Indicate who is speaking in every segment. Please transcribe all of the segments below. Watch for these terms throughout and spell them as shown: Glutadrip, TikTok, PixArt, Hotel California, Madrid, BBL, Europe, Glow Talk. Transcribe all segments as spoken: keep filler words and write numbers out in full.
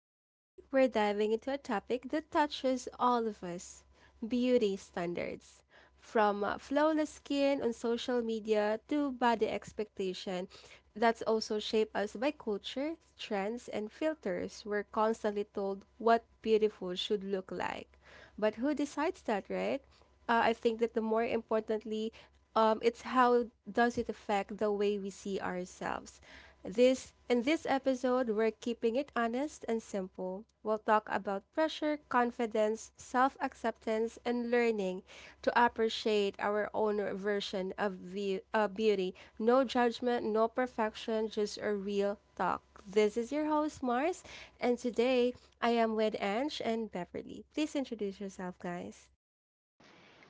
Speaker 1: Today, we're diving into a topic that touches all of us: beauty standards. From uh, flawless skin on social media to body expectation that's also shaped us by culture, trends, and filters, we're constantly told what beautiful should look like. But who decides that, right? uh, I think that the more importantly, um, it's how does it affect the way we see ourselves. This in this episode, we're keeping it honest and simple. We'll talk about pressure, confidence, self-acceptance, and learning to appreciate our own version of view, uh, beauty. No judgment, no perfection, just a real talk. This is your host Mars, and today I am with Ange and Beverly. Please introduce yourself, guys.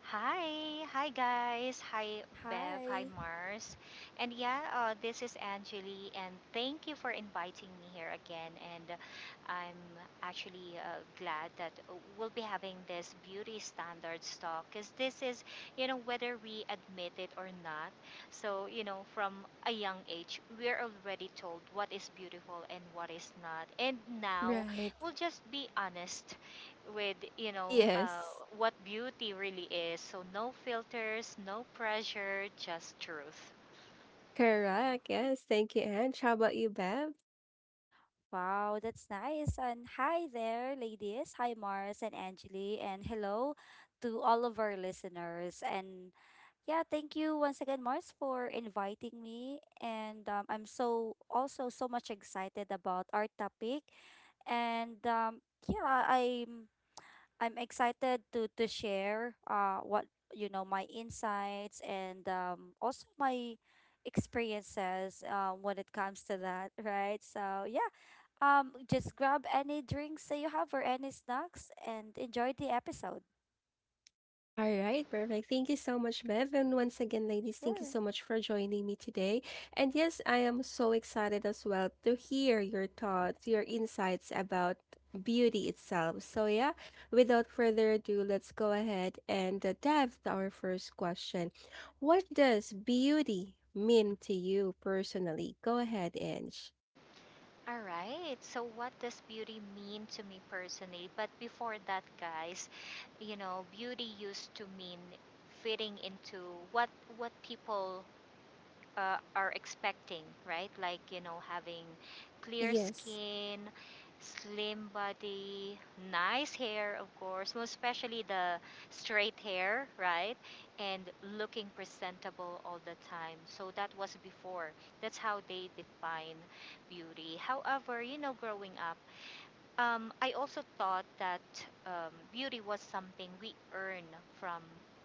Speaker 2: Hi, hi guys, hi Bev, hi
Speaker 3: Hi.
Speaker 2: Mars. And yeah, uh, this is Angeli, and thank you for inviting me here again. And uh, I'm actually uh, glad that uh, we'll be having this beauty standards talk because this is, you know, whether we admit it or not. So, you know, from a young age, we're already told what is beautiful and what is not. And now
Speaker 1: Right.
Speaker 2: we'll just be honest with you know uh,
Speaker 1: Yes,
Speaker 2: what beauty really is. So no filters, no pressure, just truth.
Speaker 1: correct. Yes, thank you, Ange. How about you, Bev?
Speaker 3: Wow, that's nice. And hi there, ladies. Hi, Mars and Angeli. And hello to all of our listeners. And yeah, thank you once again, Mars, for inviting me. And um, I'm so also so much excited about our topic. And um, yeah, I'm I'm excited to to share uh what you know my insights and um also my experiences um when it comes to that, right? So yeah, um just grab any drinks that you have or any snacks and enjoy the episode.
Speaker 1: All right, perfect. Thank you so much, Bev. And once again, ladies, thank you
Speaker 3: Sure.
Speaker 1: so much for joining me today. And yes, I am so excited as well to hear your thoughts, your insights about beauty itself. So, yeah, without further ado, let's go ahead and uh, dive to our first question. What does beauty mean to you personally? Go ahead, Ange.
Speaker 2: All right, so what does beauty mean to me personally? But before that, guys, you know, beauty used to mean fitting into what what people uh, are expecting, right? Like, you know, having clear
Speaker 1: Yes.
Speaker 2: skin, slim body, nice hair, of course, most especially the straight hair, right? And looking presentable all the time. So that was before. That's how they define beauty. However, you know, growing up, um, I also thought that um, beauty was something we earn from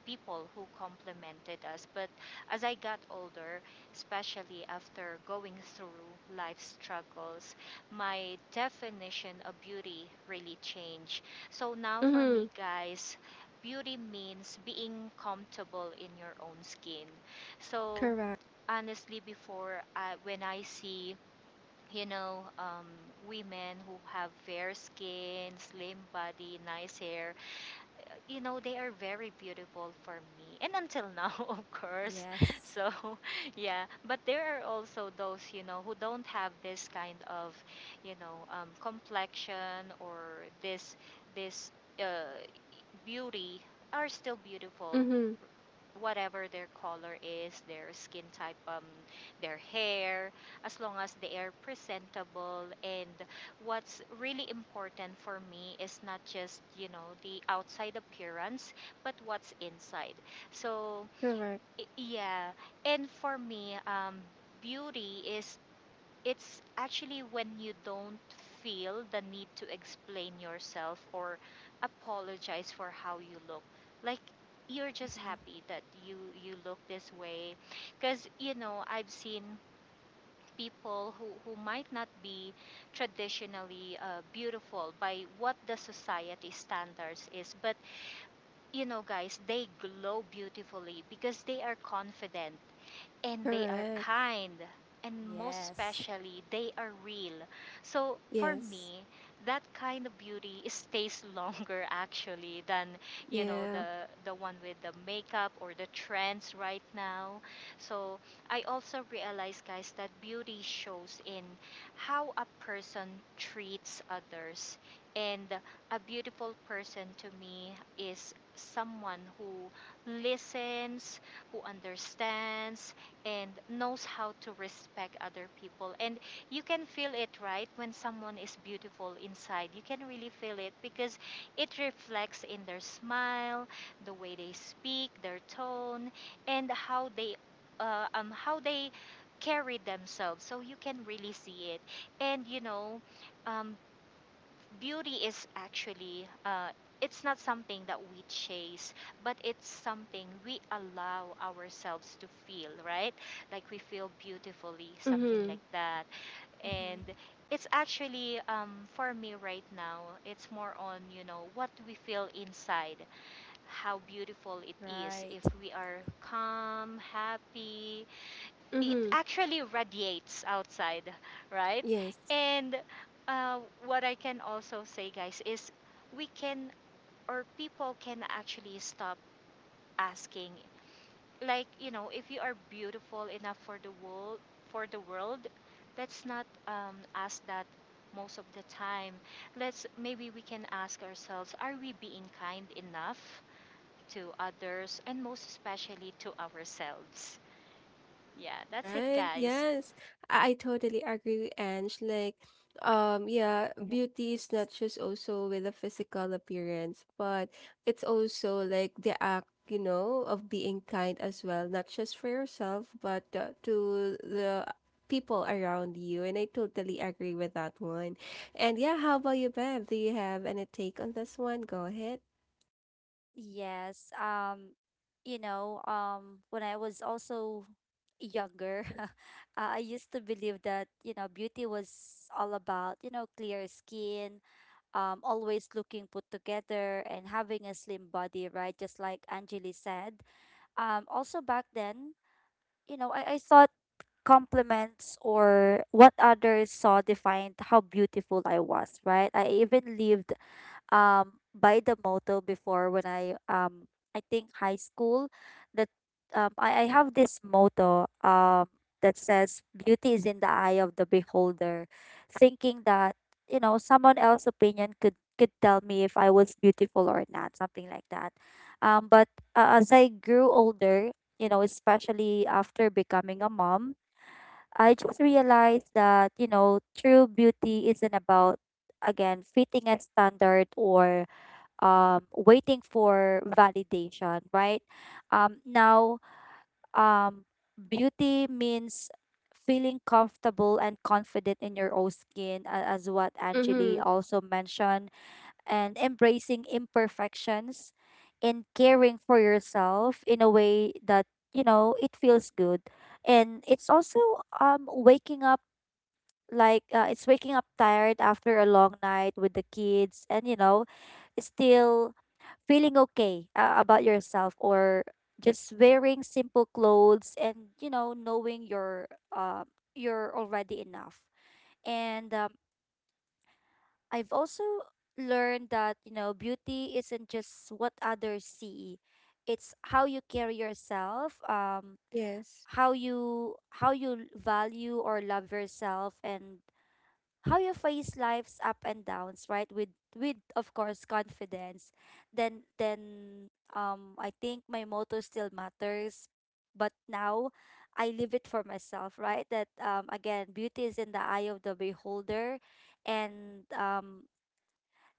Speaker 2: people who complimented us. But as I got older, especially after going through life struggles, my definition of beauty really changed. So now for
Speaker 1: Mm-hmm.
Speaker 2: me, guys, beauty means being comfortable in your own skin. So
Speaker 1: Correct.
Speaker 2: honestly, before I, when I see, you know, um, women who have fair skin, slim body, nice hair, you know, they are very beautiful for me. And until now, of course.
Speaker 3: Yes.
Speaker 2: So, yeah. But there are also those, you know, who don't have this kind of, you know, um, complexion or this, this uh, beauty, are still beautiful,
Speaker 1: Mm-hmm.
Speaker 2: whatever their color is, their skin type, um, their hair, as long as they are presentable. And what's really important for me is not just, you know, the outside appearance, but what's inside. So,
Speaker 1: Correct.
Speaker 2: i- yeah. And for me, um, beauty is, it's actually when you don't feel the need to explain yourself or apologize for how you look. Like you're just
Speaker 3: Mhm.
Speaker 2: happy that you you look this way, because you know, I've seen people who, who might not be traditionally uh, beautiful by what the society standards is, but you know, guys, they glow beautifully because they are confident, and they are
Speaker 1: Correct.
Speaker 2: kind, and most
Speaker 3: Yes.
Speaker 2: especially they are real. So for
Speaker 1: Yes.
Speaker 2: me, that kind of beauty stays longer actually than, you know,
Speaker 1: Yeah.
Speaker 2: the the one with the makeup or the trends right now. So I also realize, guys, that beauty shows in how a person treats others. And a beautiful person to me is someone who listens, who understands, and knows how to respect other people. And you can feel it, right? When someone is beautiful inside, you can really feel it, because it reflects in their smile, the way they speak, their tone, and how they, uh, um, how they carry themselves. So you can really see it. And you know, um, beauty is actually uh, it's not something that we chase, but it's something we allow ourselves to feel, right? Like we feel beautifully, something
Speaker 1: Mm-hmm.
Speaker 2: like that. And
Speaker 3: Mhm.
Speaker 2: it's actually, um, for me right now, it's more on, you know, what we feel inside. How beautiful it is
Speaker 3: Right.
Speaker 2: if we are calm, happy, it
Speaker 1: Mm-hmm.
Speaker 2: actually radiates outside, right?
Speaker 1: Yes.
Speaker 2: And uh, what I can also say, guys, is we can, or people can, actually stop asking. Like, you know, if you are beautiful enough for the world, for the world, let's not um, ask that most of the time. Let's, maybe we can ask ourselves: Are we being kind enough to others, and most especially to ourselves? Yeah, that's it,
Speaker 1: Right.
Speaker 2: guys.
Speaker 1: Yes. I, I totally agree with Ange. Like, um, yeah, beauty is
Speaker 3: Yes.
Speaker 1: not just also with a physical appearance, but it's also like the act, you know, of being kind as well, not just for yourself, but uh, to the people around you. And I totally agree with that one. And yeah, how about you, Bev? Do you have any take on this one? Go ahead.
Speaker 3: Yes. Um, you know, um, when I was also younger, uh, I used to believe that, you know, beauty was all about, you know, clear skin, um, always looking put together and having a slim body, right? Just like Anjali said. Um, also back then, you know, I, I thought compliments or what others saw defined how beautiful I was, right? I even lived um by the motto before when I um I think high school that um I, I have this motto um that says beauty is in the eye of the beholder, thinking that you know someone else's opinion could could tell me if I was beautiful or not, something like that. Um but uh, as I grew older, you know, especially after becoming a mom, I just realized that you know true beauty isn't about, again, fitting a standard or um, waiting for validation, right? Um, now, um, beauty means feeling comfortable and confident in your own skin, a- as what Angeli
Speaker 1: Mm-hmm.
Speaker 3: also mentioned, and embracing imperfections and caring for yourself in a way that, you know, it feels good. And it's also um, waking up, like uh, it's waking up tired after a long night with the kids and you know still feeling okay uh, about yourself, or just wearing simple clothes and you know knowing you're uh, you're already enough. And um, I've also learned that you know beauty isn't just what others see, it's how you carry yourself. Um
Speaker 1: Yes.
Speaker 3: how you how you value or love yourself and how you face life's up and downs, right? With with of course confidence. Then then um I think my motto still matters, but now I live it for myself, right? That, um again, beauty is in the eye of the beholder, and um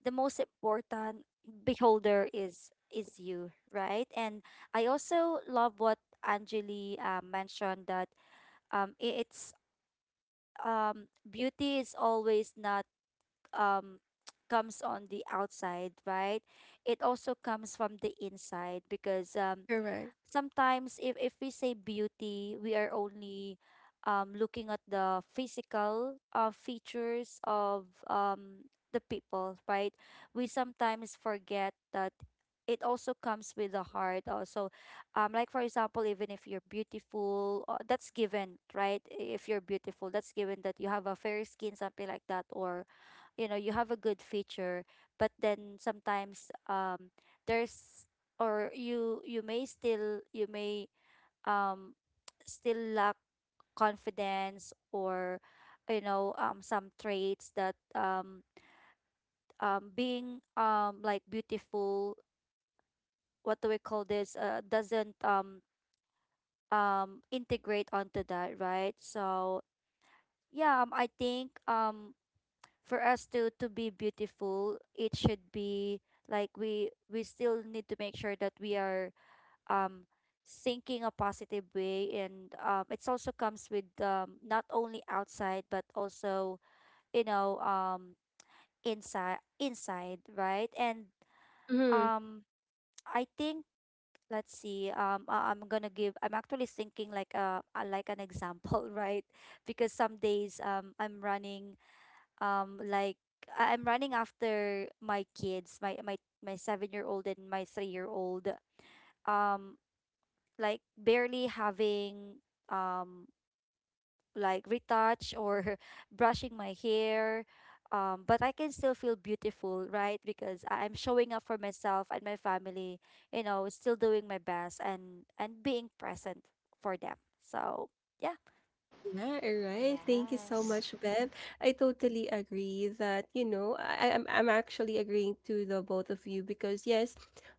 Speaker 3: the most important beholder is is you, right? And I also love what Anjali uh, mentioned that um I- it's um beauty is always not um comes on the outside, right? It also comes from the inside because um
Speaker 1: Correct.
Speaker 3: sometimes if if we say beauty, we are only um looking at the physical uh, features of um the people, right? We sometimes forget that it also comes with the heart also. Um like for example, even if you're beautiful, uh, that's given, right? If you're beautiful, that's given that you have a fair skin, something like that, or you know you have a good feature, but then sometimes um there's or you you may still you may um still lack confidence or you know um some traits that um um being um like beautiful, what do we call this, uh, doesn't um um integrate onto that, right? So yeah, um, I think um for us to to be beautiful it should be like we we still need to make sure that we are um thinking a positive way, and um it also comes with um not only outside but also you know um inside inside right? And
Speaker 1: Mhm.
Speaker 3: um I think let's see, um I- I'm gonna give, I'm actually thinking like a a- like an example, right? Because some days um I'm running um like I- I'm running after my kids, my my my seven year old and my three year old, um like barely having um like retouch or brushing my hair, um but I can still feel beautiful, right? Because I- I'm showing up for myself and my family, you know, still doing my best and and being present for them. So yeah.
Speaker 1: Yeah, all right. Thank you so
Speaker 2: Yes.
Speaker 1: much, Bev. I totally agree that, you know, I, I'm I'm actually agreeing to the both of you because yes,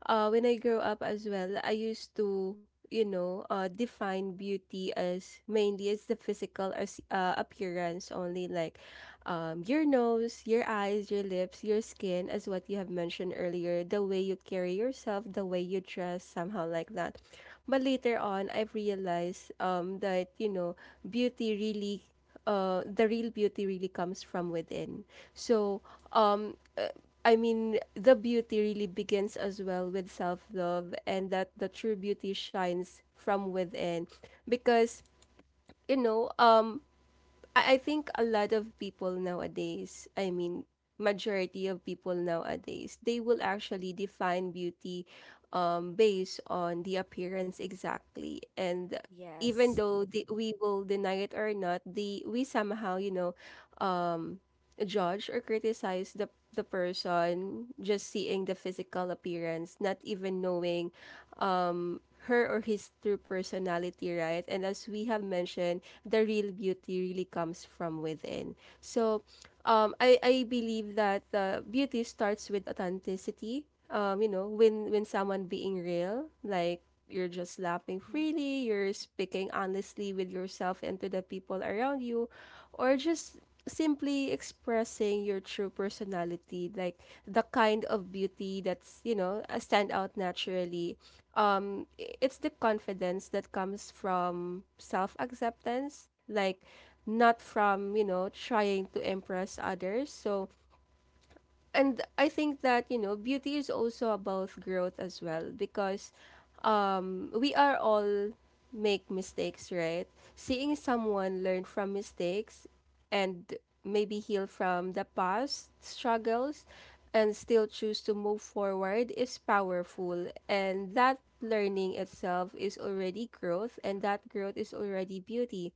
Speaker 1: uh when I grew up as well, I used to, you know, uh define beauty as mainly as the physical as uh, appearance only, like um your nose, your eyes, your lips, your skin, as what you have mentioned earlier, the way you carry yourself, the way you dress, somehow like that. But later on, I've realized um that, you know, beauty really uh, the real beauty really comes from within. So, um, uh, I mean, the beauty really begins as well with self love, and that the true beauty shines from within, because you know, um, I, I think a lot of people nowadays, I mean, majority of people nowadays, they will actually define beauty um, based on the appearance exactly. And even
Speaker 3: Yes.
Speaker 1: though they, we will deny it or not, the we somehow, you know, um, judge or criticize the the person just seeing the physical appearance, not even knowing um her or his true personality, right? And as we have mentioned, the real beauty really comes from within. So, um, I, I believe that uh, beauty starts with authenticity. Um, you know, when when someone being real, like you're just laughing
Speaker 3: Mm-hmm.
Speaker 1: freely, you're speaking honestly with yourself and to the people around you, or just simply expressing your true personality, like the kind of beauty that's you know uh, stand out naturally. Um i- it's the confidence that comes from self-acceptance, like not from you know trying to impress others. So, and I think that you know beauty is also about growth as well because um, we are all make mistakes, right? Seeing someone learn from mistakes and maybe heal from the past struggles and still choose to move forward is powerful. And that learning itself is already growth, and that growth is already beauty.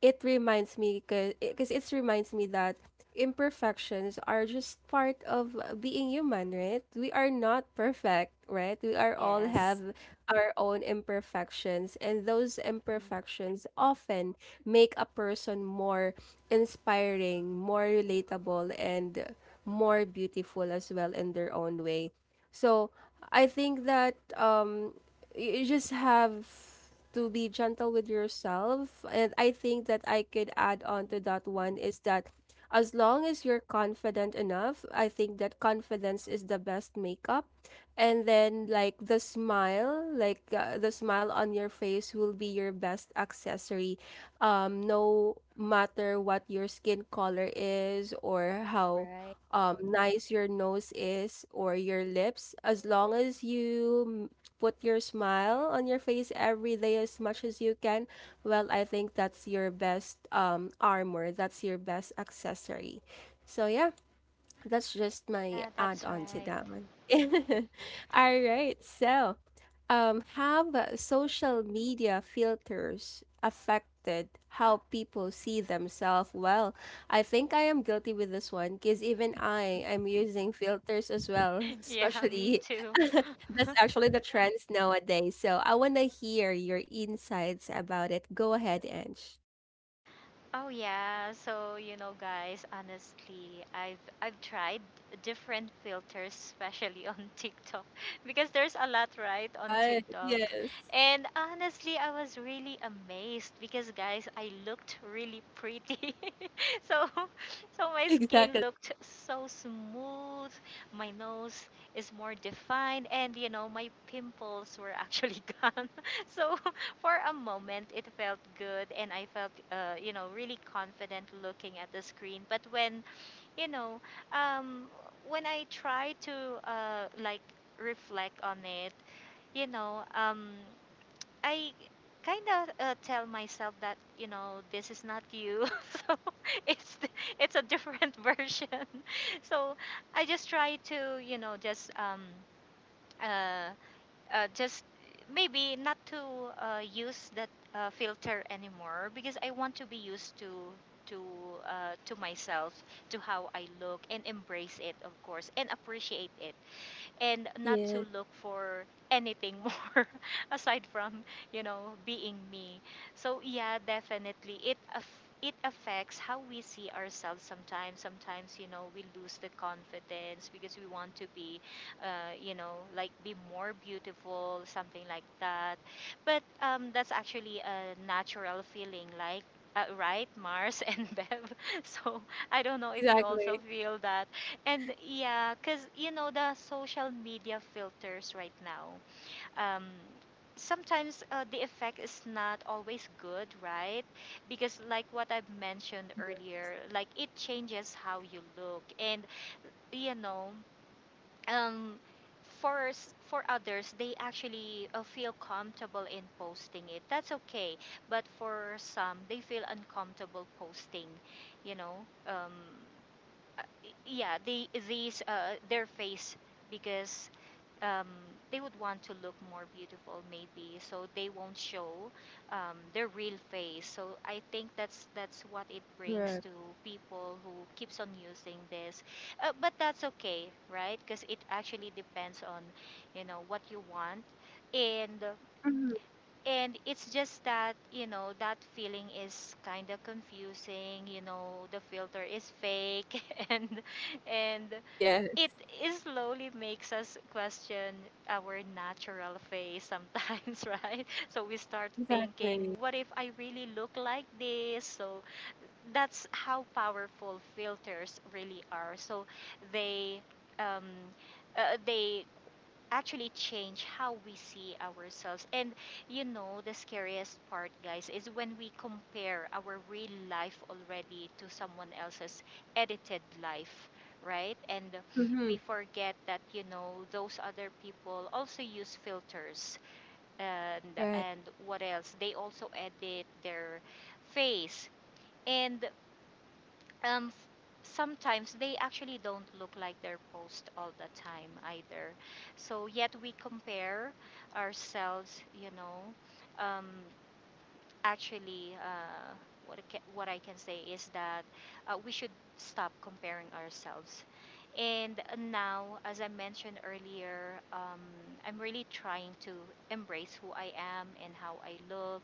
Speaker 1: it reminds me because it reminds me that imperfections are just part of being human, right? We are not perfect, right? We are all have
Speaker 3: Yes.
Speaker 1: our own imperfections, and those
Speaker 3: Mm-hmm.
Speaker 1: imperfections often make a person more inspiring, more relatable, and more beautiful as well in their own way. So I think that um you just have to be gentle with yourself. And I think that I could add on
Speaker 3: Mm-hmm.
Speaker 1: to that one is that as long as you're confident enough, I think that confidence is the best makeup. And then, like, the smile, like, uh, the smile on your face will be your best accessory. Um, no matter what your skin color is or how
Speaker 3: Right.
Speaker 1: um nice your nose is or your lips, as long as you put your smile on your face every day as much as you can, well, I think that's your best um, armor. That's your best accessory. So, yeah, that's just my
Speaker 2: Yeah,
Speaker 1: add
Speaker 2: that's
Speaker 1: on to
Speaker 2: right.
Speaker 1: that one. All right. So, um, have uh, social media filters affected how people see themselves? Well, I think I am guilty with this one because even I am using filters as well,
Speaker 2: Yeah, me
Speaker 1: especially
Speaker 2: too.
Speaker 1: that's actually the trends nowadays. So I want to hear your insights about it. Go ahead, Ange.
Speaker 2: Oh yeah, so you know, guys, honestly, I've I've tried different filters, especially on TikTok, because there's a lot, right, on
Speaker 1: Right.
Speaker 2: TikTok.
Speaker 1: Yes.
Speaker 2: And honestly, I was really amazed because, guys, I looked really pretty. So, so my skin
Speaker 1: Exactly.
Speaker 2: looked so smooth, my nose is more defined, and you know, my pimples were actually gone. So for a moment it felt good, and I felt uh, you know, really confident looking at the screen. But when, you know, um, when I try to uh, like reflect on it, you know, um, I kind of uh, tell myself that, you know, this is not you. So it's th- it's a different version. So I just try to, you know, just um, uh, uh, just maybe not to uh, use that uh, filter anymore, because I want to be used to, to uh, to myself, to how I look, and embrace it, of course, and appreciate it, and not to
Speaker 1: Yes.
Speaker 2: look for anything more aside from, you know, being me. So yeah, definitely it aff- it affects how we see ourselves. Sometimes, sometimes, you know, we lose the confidence because we want to be, uh, you know, like, be more beautiful, something like that. But um, that's actually a natural feeling, like, uh, right, Mars, and Bev? So I don't know if you also
Speaker 1: Exactly.
Speaker 2: feel that. And yeah, because you know, the social media filters right now. Um, Sometimes uh, the effect is not always good, right? Because like what I've mentioned earlier, like it changes how you look. And you know, um, for s- for others, they actually uh, feel comfortable in posting it. That's okay, but for some, they feel uncomfortable posting, you know. Um, yeah, they, these uh, their face, because um, they would want to look more beautiful, maybe, so they won't show um, their real face. So I think that's that's what it brings
Speaker 1: Right.
Speaker 2: to people who keeps on using this, uh, but that's okay, right? Because it actually depends on, you know, what you want. and
Speaker 1: Mhm.
Speaker 2: and it's just that, you know, that feeling is kind of confusing, you know, the filter is fake and and
Speaker 1: Yes.
Speaker 2: it is slowly makes us question our natural face sometimes, right? So we start thinking,
Speaker 1: Exactly.
Speaker 2: what if I really look like this? So that's how powerful filters really are. So they um uh, they actually change how we see ourselves. And you know, the scariest part, guys, is when we compare our real life already to someone else's edited life, right? And
Speaker 1: Mm-hmm.
Speaker 2: we forget that, you know, those other people also use filters, and
Speaker 1: Right.
Speaker 2: and what else? They also edit their face. And um f- sometimes they actually don't look like their post all the time either. So yet we compare ourselves, you know um actually uh what I can, what I can say is that uh, we should stop comparing ourselves. And now, as I mentioned earlier, um, I'm really trying to embrace who I am and how I look,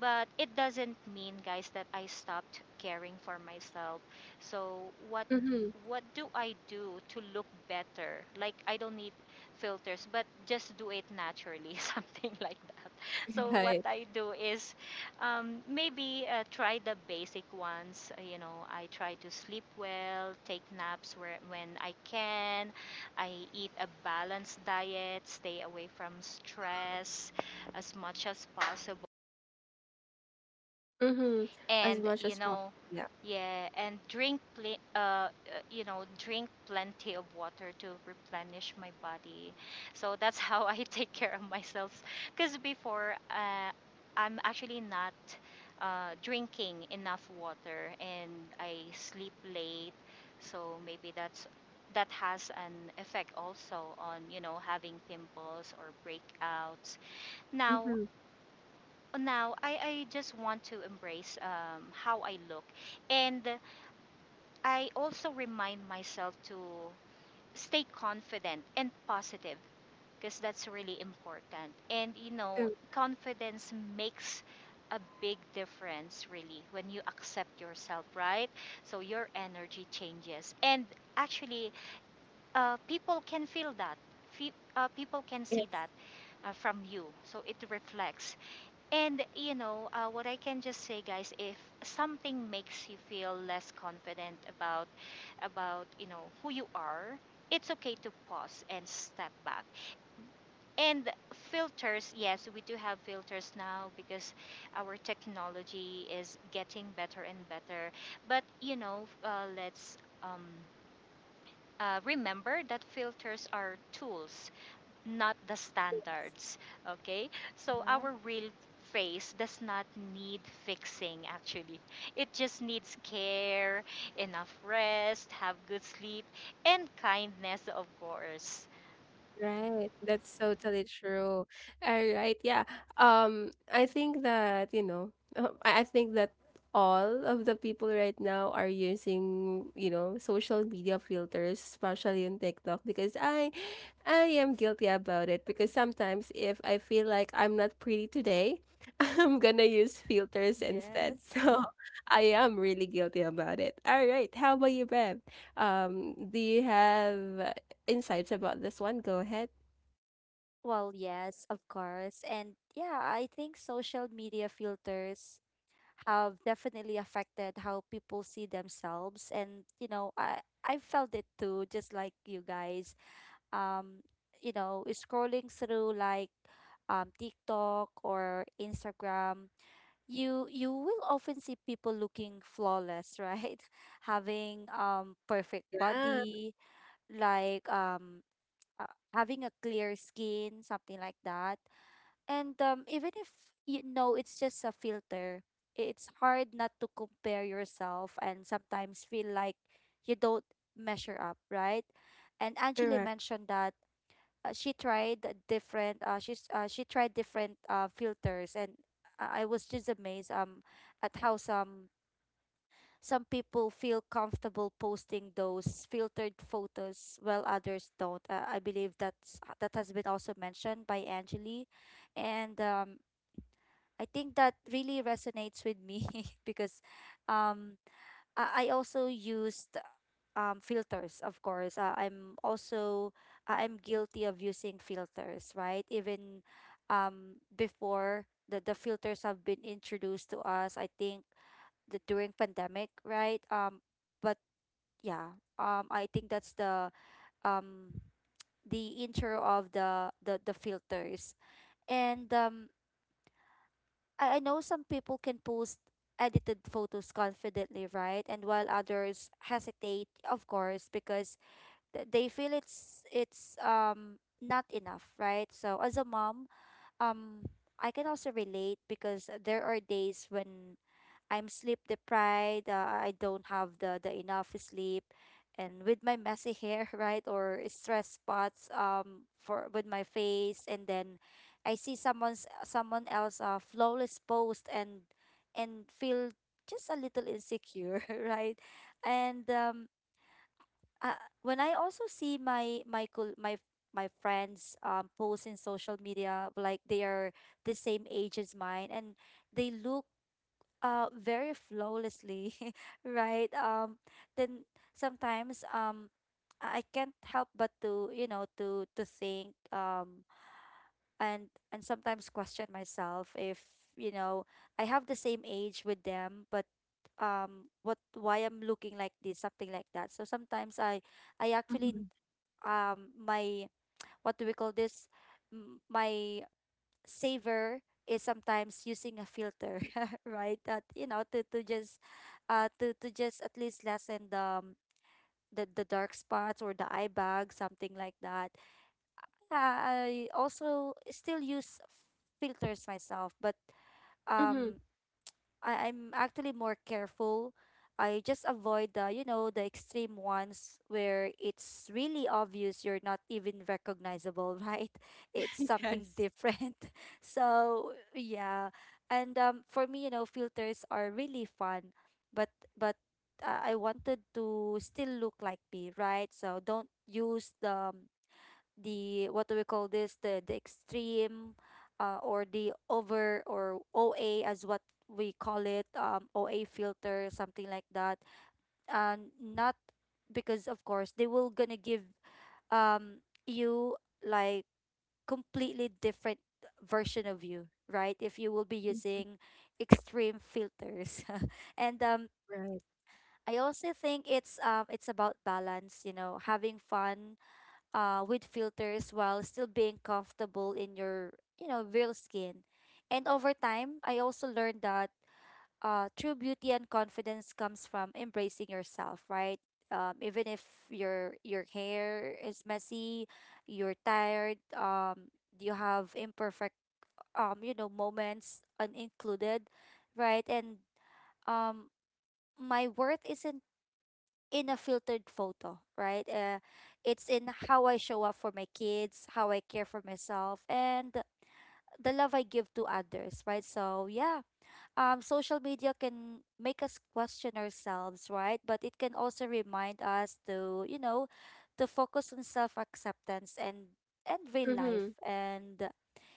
Speaker 2: but it doesn't mean, guys, that I stopped caring for myself. So what
Speaker 1: Mm-hmm.
Speaker 2: what do I do to look better? Like, I don't need filters, but just do it naturally, something like that. So what
Speaker 1: Right.
Speaker 2: I do is, um, maybe uh, try the basic ones. Uh, you know, I try to sleep well, take naps where, when I can, I eat a balanced diet, stay away from stress as much as possible.
Speaker 1: Mhm. As
Speaker 2: And
Speaker 1: much
Speaker 2: you
Speaker 1: as possible.
Speaker 2: know,
Speaker 1: Yeah.
Speaker 2: yeah, and drink pl- uh, uh, you know, drink plenty of water to replenish my body. So that's how I take care of myself, because before, uh, I'm actually not uh, drinking enough water, and I sleep late. So maybe that's, that has an effect also on, you know, having pimples or breakouts. Now,
Speaker 1: Mhm.
Speaker 2: now I, I just want to embrace um, how I look. And I also remind myself to stay confident and positive, because that's really important. And you know, confidence makes a big difference really when you accept yourself, right? So your energy changes. And actually, uh, people can feel that. Fe- uh, people can
Speaker 1: Yes.
Speaker 2: see that uh, from you. So it reflects. And you know, uh, what I can just say, guys, if something makes you feel less confident about about you know, who you are, it's okay to pause and step back. And filters, yes, we do have filters now because our technology is getting better and better. But you know, uh, let's um, uh, remember that filters are tools, not the standards. Okay? So
Speaker 3: Right.
Speaker 2: our real face does not need fixing actually. It just needs care, enough rest, have good sleep, and kindness, of course.
Speaker 1: Right. That's totally true. All right. Yeah. Um, I think that, you know, uh, I I think that all of the people right now are using, you know, social media filters, especially on TikTok, because I I am guilty about it, because sometimes if I feel like I'm not pretty today, I'm gonna use filters instead.
Speaker 3: Yes.
Speaker 1: So I am really guilty about it. All right, how about you, Bev? Um, do you have uh, insights about this one? Go ahead.
Speaker 3: Well, yes, of course. And yeah, I think social media filters have definitely affected how people see themselves, and you know i i felt it too, just like you guys. um you know, scrolling through like um TikTok or Instagram, you you will often see people looking flawless, right? Having um perfect
Speaker 1: Yeah,
Speaker 3: body, like um uh, having a clear skin, something like that. And um, even if you know it's just a filter, it's hard not to compare yourself and sometimes feel like you don't measure up, right? And Angeli
Speaker 1: correct.
Speaker 3: mentioned that uh, she tried a different. Uh, she's uh, she tried different uh, filters, and I I was just amazed um at how some some people feel comfortable posting those filtered photos while others don't. Uh, I believe that's that has been also mentioned by Angeli, and um I think that really resonates with me, because um, I, I also used um, filters, of course. Uh, I'm also I- I'm guilty of using filters, right? Even um, before the, the filters have been introduced to us, I think the during pandemic, right? Um, but yeah, um, I think that's the um, the intro of the the, the filters. And um I, I know some people can post edited photos confidently, right? And while others hesitate, of course, because th- they feel it's it's um not enough, right? So as a mom, um I can also relate, because there are days when I'm sleep deprived. Uh, I don't have the the enough sleep, and with my messy hair, right, or stress spots um for with my face, and then I see someone's someone else uh, flawless post and and feel just a little insecure, right, and um uh, when I also see my my col- my my friends um post in social media, like they are the same age as mine, and they look uh very flawlessly, right? Um then sometimes um I I can't help but to you know to to think, um and and sometimes question myself if, you know, I have the same age with them but um what why I'm looking like this, something like that. So sometimes I I actually, um my what do we call this, M- my savor is sometimes using a filter, right? That you know to to just uh to to just at least lessen the um, the the dark spots or the eye bag, something like that. Yeah, I also still use filters myself, but
Speaker 1: Mm-hmm.
Speaker 3: um I, I'm actually more careful. I just avoid the, you know, the extreme ones where it's really obvious you're not even recognizable, right? It's something
Speaker 1: Yes.
Speaker 3: different. So, yeah. And um, for me, you know, filters are really fun, but but uh, I wanted to still look like me, right? So don't use the um, the what do we call this, the the extreme uh, or the over, or O A as what we call it, um, O A filter, something like that. And not because of course they will gonna give um you like completely different version of you, right, if you will be
Speaker 1: Mhm.
Speaker 3: using extreme filters. And um
Speaker 1: Right.
Speaker 3: I also think it's um it's about balance, you know, having fun uh, with filters while still being comfortable in your, you know, real skin. And over time I also learned that uh, true beauty and confidence comes from embracing yourself, right? Um, even if your your hair is messy, you're tired, um, you have imperfect um, you know moments unincluded, right? And um, my worth isn't in a filtered photo, right? Uh, it's in how I show up for my kids, how I care for myself, and the love I give to others, right? So yeah, um, social media can make us question ourselves, right? But it can also remind us to, you know, to focus on self acceptance and and real life,
Speaker 1: Mm-hmm.
Speaker 3: and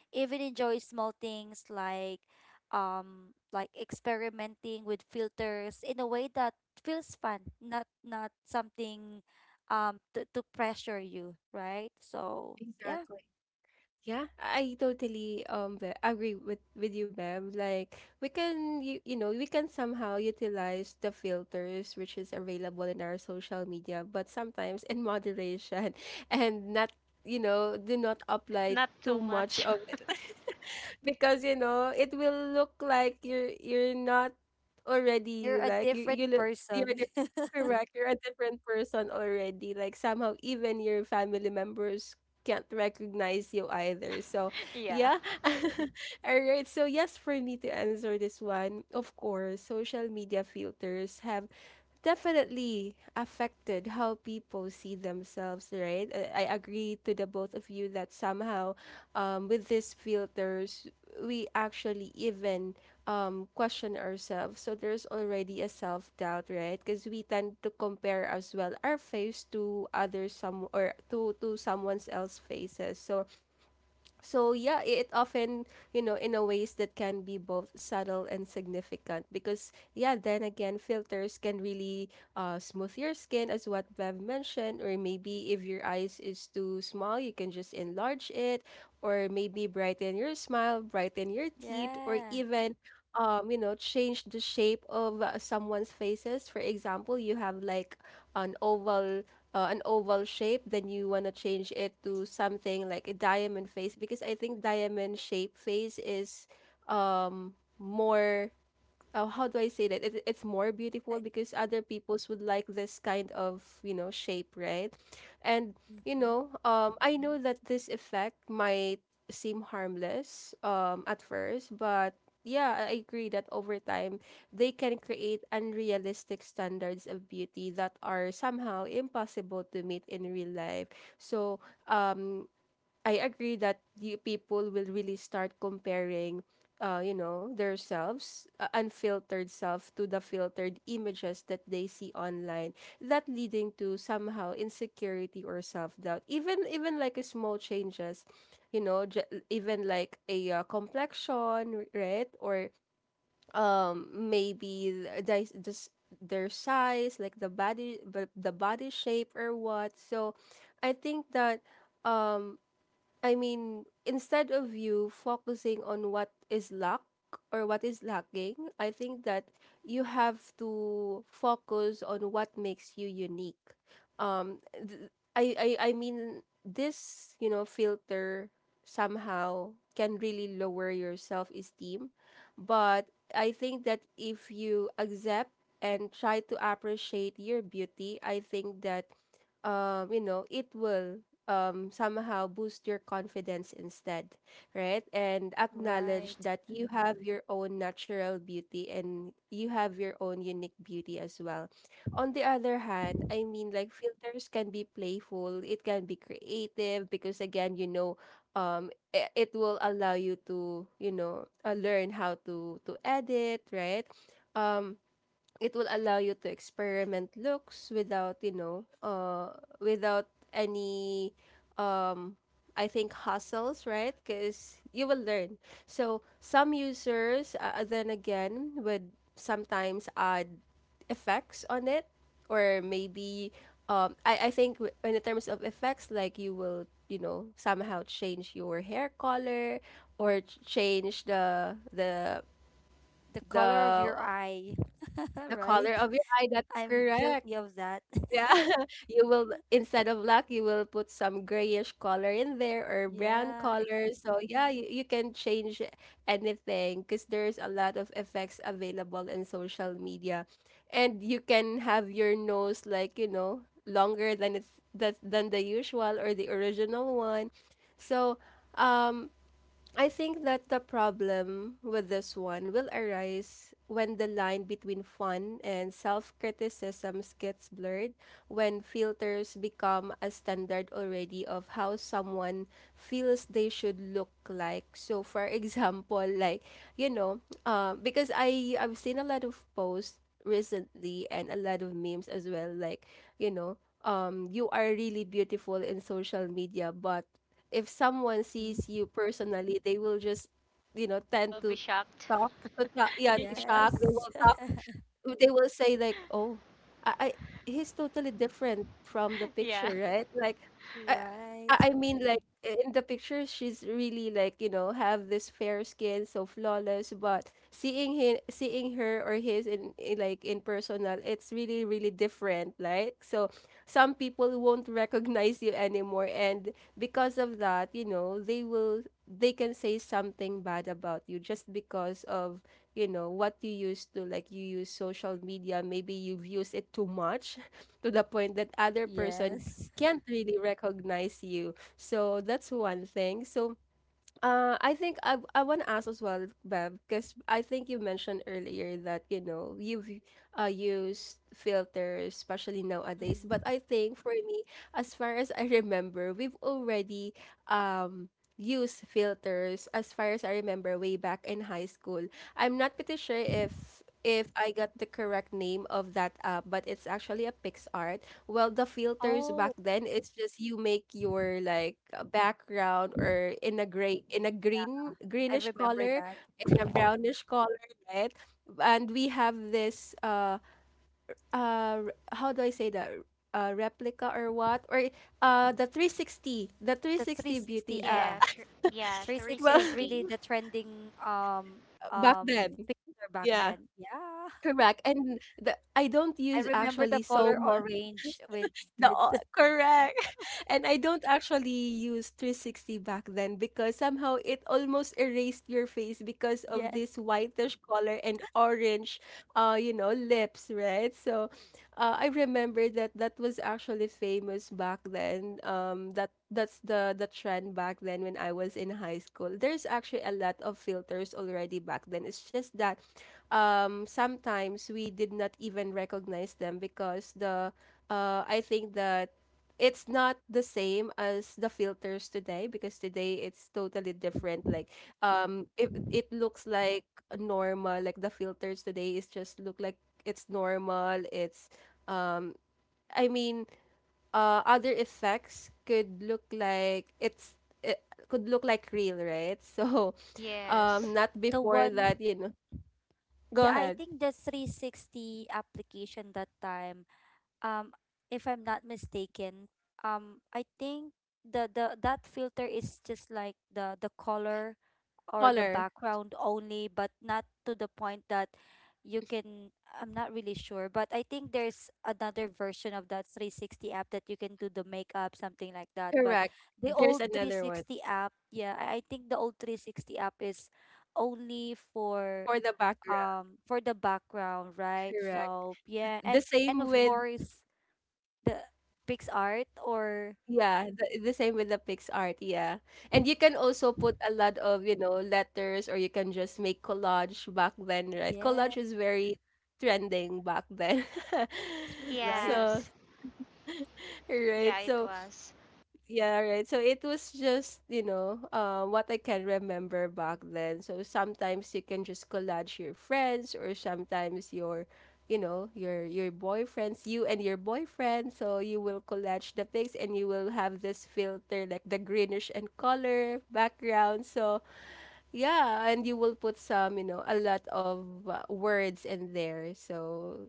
Speaker 3: even enjoy small things like um like experimenting with filters in a way that feels fun, not not something um to, to pressure you, right? So yeah.
Speaker 1: Exactly. Yeah, I totally um Be- agree with with you, Bev. Like we can you, you know we can somehow utilize the filters which is available in our social media, but sometimes in moderation, and not you know do not apply
Speaker 2: Not
Speaker 1: too
Speaker 2: too
Speaker 1: much
Speaker 2: much.
Speaker 1: of it because you know it will look like you're you're not
Speaker 3: You're
Speaker 1: already,
Speaker 3: a
Speaker 1: like you
Speaker 3: different
Speaker 1: you look you're
Speaker 3: person.
Speaker 1: di- correct, you're a different person already, like somehow even your family members can't recognize you either. So,
Speaker 2: Yeah.
Speaker 1: yeah. All right. So, yes, for me to answer this one, of course, social media filters have definitely affected how people see themselves, right? I, I agree to the both of you that somehow um, with these filters, we actually even um, question ourselves. So there's already a self doubt, right? Because we tend to compare as well our face to other some or to to someone's else faces. So so yeah, i- it often, you know, in a ways that can be both subtle and significant because yeah, then again, filters can really uh smooth your skin as what Bev mentioned, or maybe if your eyes is too small, you can just enlarge it, or maybe brighten your smile, brighten your teeth, or
Speaker 3: Yeah.
Speaker 1: even um, you know, change the shape of uh, someone's faces. For example, you have like an oval uh, an oval shape, then you want to change it to something like a diamond face, because I think diamond shape face is um more uh, how do I say that? It, it's more
Speaker 3: Eh,
Speaker 1: beautiful because other peoples would like this kind of, you know, shape, right? And, you
Speaker 3: mm-hmm.
Speaker 1: know, um, I know that this effect might seem harmless um, at first, but yeah, I agree that over time they can create unrealistic standards of beauty that are somehow impossible to meet in real life. So, um, I agree that the people will really start comparing, uh, you know, their selves, uh, unfiltered self, to the filtered images that they see online. That leading to somehow insecurity or self doubt. Even even like a small changes, you know, j- even like a uh, complexion, right? Or um maybe the, the, s- their size, like the body, the the body shape or what. So, I think that um I mean, instead of you focusing on what is lack or what is lacking, I think that you have to focus on what makes you unique. Um, th- I, I, I mean, this, you know, filter somehow can really lower your self esteem. But I think that if you accept and try to appreciate your beauty, I think that um, you know, it will um, somehow boost your confidence instead, right? And acknowledge
Speaker 3: Right.
Speaker 1: that you have your own natural beauty, and you have your own unique beauty as well. On the other hand, I mean, like filters can be playful, it can be creative because, again, you know, um, i- it will allow you to, you know, uh, learn how to to edit, right? Um, it will allow you to experiment looks without you know uh without any um I think hustles, right? Because you will learn. So some users, uh, uh, then again, would sometimes add effects on it, or maybe um, I I think w- in the terms of effects, like you will you know somehow change your hair color or ch- change the the
Speaker 3: The color of your
Speaker 1: the
Speaker 3: eye.
Speaker 1: the color
Speaker 3: Right.
Speaker 1: of your eye, that's
Speaker 3: I'm
Speaker 1: correct.
Speaker 3: guilty of that.
Speaker 1: Yeah. You will, instead of black, you will put some grayish color in there or brown
Speaker 3: Yeah, it's
Speaker 1: color. So yeah, you, you can change anything because there's a lot of effects available in social media. And you can have your nose like, you know, longer than it's that than the usual or the original one. So, um I think that the problem with this one will arise when the line between fun and self criticisms gets blurred, when filters become a standard already of how someone feels they should look like. So, for example, like, you know, um, because I, I've seen a lot of posts recently and a lot of memes as well, like, you know, um, you are really beautiful in social media, but if someone
Speaker 3: mhm.
Speaker 1: sees you personally, they will just, you know,
Speaker 2: I
Speaker 1: tend
Speaker 2: will be
Speaker 1: to
Speaker 2: shocked.
Speaker 1: talk to talk, yeah, shock. They
Speaker 3: Yes.
Speaker 1: will they will say like, "Oh, I, I he's totally different from the
Speaker 2: Yeah.
Speaker 1: picture, right?" Like, I I
Speaker 3: Right.
Speaker 1: I mean, like in the picture, she's really like you know have this fair skin, so flawless. But seeing him, seeing her or his in, in like in personal, it's really really different. Like, so some people won't recognize you anymore, and because of that, you know, they will they can say something bad about you just because of you know what you used to like you use social media, maybe you've used it too much to the point that other person
Speaker 3: Yes.
Speaker 1: can't really recognize you. So that's one thing. So uh, I think I I want to ask as well, Bev, because I think you mentioned earlier that you know you've uh, used filters, especially nowadays. But
Speaker 3: Mm-hmm.
Speaker 1: I think for me, as far as I remember, we've already um used filters. As far as I remember, way back in high school, I'm not pretty sure if if I got the correct name of that app, but it's actually a PixArt. Well, the filters back
Speaker 3: Oh,
Speaker 1: then, it's just you make your like a background or in a gray, in a green,
Speaker 3: I
Speaker 1: greenish
Speaker 3: remember
Speaker 1: color,
Speaker 3: that.
Speaker 1: in a brownish color, right? And we have this uh uh r- how do I say that? Uh, replica or what? Or uh the three sixty, the
Speaker 3: The
Speaker 1: three sixty beauty
Speaker 3: three sixty,
Speaker 1: uh
Speaker 2: Yeah,
Speaker 3: yeah.
Speaker 2: tr- yeah,
Speaker 3: three sixty
Speaker 1: well
Speaker 3: is
Speaker 2: three sixty.
Speaker 3: really the trending um
Speaker 1: back
Speaker 3: um
Speaker 1: then.
Speaker 3: picture back
Speaker 1: Yeah.
Speaker 3: then. Yeah.
Speaker 1: Correct. And the I don't
Speaker 3: I
Speaker 1: use
Speaker 3: remember
Speaker 1: actually
Speaker 3: the
Speaker 1: so
Speaker 3: color
Speaker 1: much
Speaker 3: orange with
Speaker 1: the o-
Speaker 3: with
Speaker 1: correct. And I don't actually use three sixty back then because somehow it almost erased your face because of
Speaker 3: yes.
Speaker 1: this whitish color and orange, uh, you know, lips, right? So uh, I remember that that was actually famous back then. Um, that that's the the trend back then when I was in high school. There's actually a lot of filters already back then. It's just that um, sometimes we did not even recognize them because the uh, I think the it's not the same as the filters today, because today it's totally different. Like, um it it looks like normal. Like the filters today is just look like it's normal, it's um i mean uh other effects could look like it's it could look like real, right? So um
Speaker 2: Yes.
Speaker 1: not
Speaker 3: The
Speaker 1: before
Speaker 3: one,
Speaker 1: that, you know. Go
Speaker 3: yeah, I
Speaker 1: ahead.
Speaker 3: think the three sixty application that time, um if I'm not mistaken, um I think the the that filter is just like the the color or the
Speaker 1: Color,
Speaker 3: background only, but not to the point that you can, I'm not really sure, but I think there's another version of that three sixty app that you can do the makeup, something like that. But
Speaker 1: correct,
Speaker 3: the
Speaker 1: there's
Speaker 3: old
Speaker 1: another one
Speaker 3: three sixty app, yeah, I I think the old three sixty app is only for
Speaker 1: for the background,
Speaker 3: um for the background, right?
Speaker 1: correct,
Speaker 3: So yeah,
Speaker 1: the
Speaker 3: and
Speaker 1: same
Speaker 3: and of
Speaker 1: with
Speaker 3: course the PixArt or
Speaker 1: yeah, the, the same with the PixArt, yeah. And you can also put a lot of, you know, letters or you can just make collage back then, right? Collage
Speaker 3: yeah,
Speaker 1: is very trending back then.
Speaker 3: right.
Speaker 1: So,
Speaker 2: Yes.
Speaker 1: right.
Speaker 2: Yeah, it
Speaker 1: So
Speaker 2: was.
Speaker 1: yeah, right. So it was just, you know, uh, what I can remember back then. So sometimes you can just collage your friends or sometimes your, you know, your your boyfriends, you and your boyfriend. So you will collage the pics and you will have this filter like the greenish and color background. So yeah, and you will put some, you know, a lot of uh, words in there. So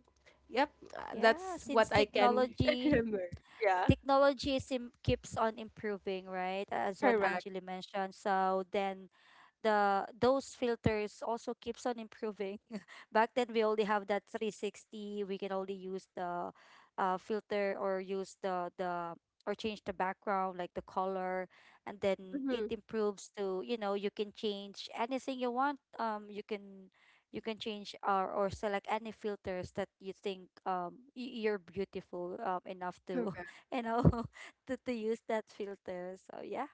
Speaker 1: yep, uh, that's
Speaker 3: Yeah,
Speaker 1: what
Speaker 3: since
Speaker 1: I can
Speaker 3: technology
Speaker 1: remember. Yeah,
Speaker 3: technology sim keeps on improving, right? As what
Speaker 1: correct.
Speaker 3: Angela mentioned. So then the those filters also keeps on improving. Back then we only have that three sixty. We can only use the uh, filter or use the the or change the background like the color, and then
Speaker 1: Mm-hmm.
Speaker 3: it improves to, you know, you can change anything you want, um you can you can change or or select any filters that you think, um y- you're beautiful um enough to you know to, to use that filter. So yeah.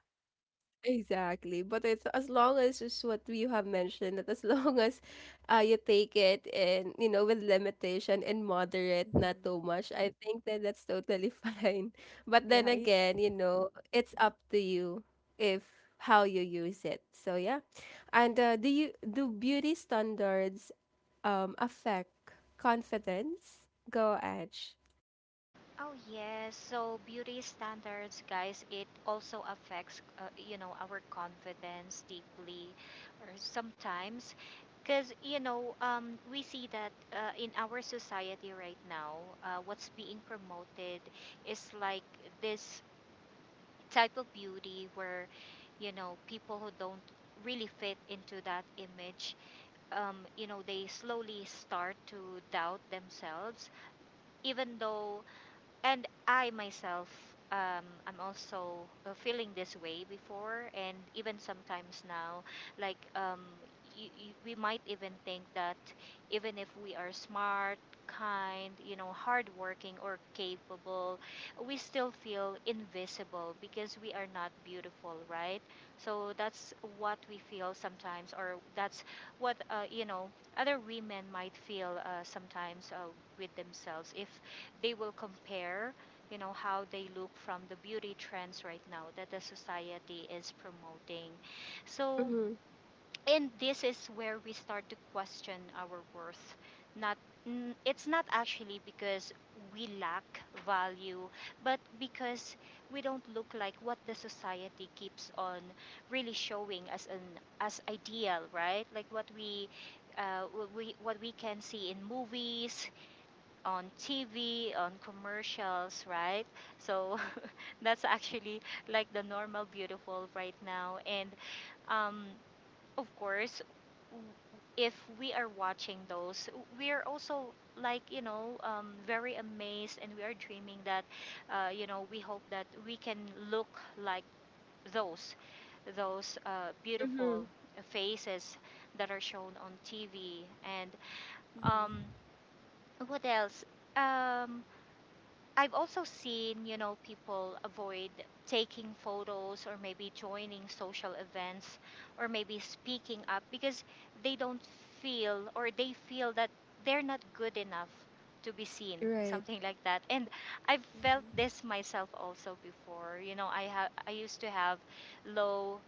Speaker 1: Exactly. But it's as long as just what you have mentioned, that as long as uh, you take it and, you know, with limitation and moderate, not
Speaker 3: hmm
Speaker 1: too much, I think that that's totally fine. But then
Speaker 3: right.
Speaker 1: again, you know, it's up to you if how you use it. So yeah. And uh, do you do beauty standards um affect confidence? Go Edge.
Speaker 2: Oh yes, so beauty standards, guys, it also affects, uh, you know, our confidence deeply, or sometimes, because you know, um, we see that uh, in our society right now, uh, what's being promoted is like this type of beauty where, you know, people who don't really fit into that image, um, you know, they slowly start to doubt themselves, even though and I myself, um, I'm also uh, feeling this way before, and even sometimes now, like um, y- y- we might even think that even if we are smart, kind, you know, hardworking or capable, we still feel invisible because we are not beautiful, right? So that's what we feel sometimes, or that's what uh, you know other women might feel uh, sometimes uh, with themselves if they will compare, you know, how they look from the beauty trends right now that the society is promoting. So,
Speaker 1: Mm-hmm.
Speaker 2: and this is where we start to question our worth. Not n- It's not actually because we lack value, but because we don't look like what the society keeps on really showing as an as ideal, right? Like what we uh, what we what we can see in movies, on T V, on commercials, right? So that's actually like the normal beautiful right now. And um, of course, w- if we are watching those, we are also like you know um, very amazed, and we are dreaming that uh, you know we hope that we can look like those those uh, beautiful
Speaker 1: Mm-hmm.
Speaker 2: faces that are shown on T V and um,
Speaker 3: hmm
Speaker 2: what else? Um, I've also seen, you know, people avoid taking photos or maybe joining social events or maybe speaking up because they don't feel or they feel that they're not good enough to be seen,
Speaker 1: Right.
Speaker 2: something like that. And I've felt
Speaker 3: Mm-hmm.
Speaker 2: this myself also before. You know, I have I used to have low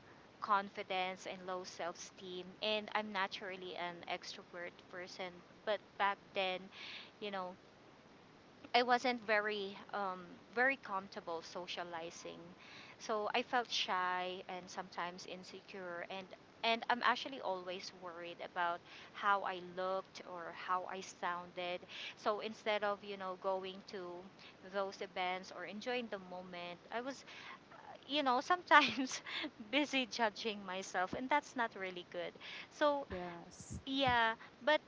Speaker 2: confidence and low self-esteem, and I'm naturally an extrovert person, but back then, you know, I wasn't very um, very comfortable socializing, so I felt shy and sometimes insecure, and and I'm actually always worried about how I looked or how I sounded. So instead of you know going to those events or enjoying the moment, I was you know sometimes busy judging myself, and that's not really good. So
Speaker 3: Yes.
Speaker 2: yeah, but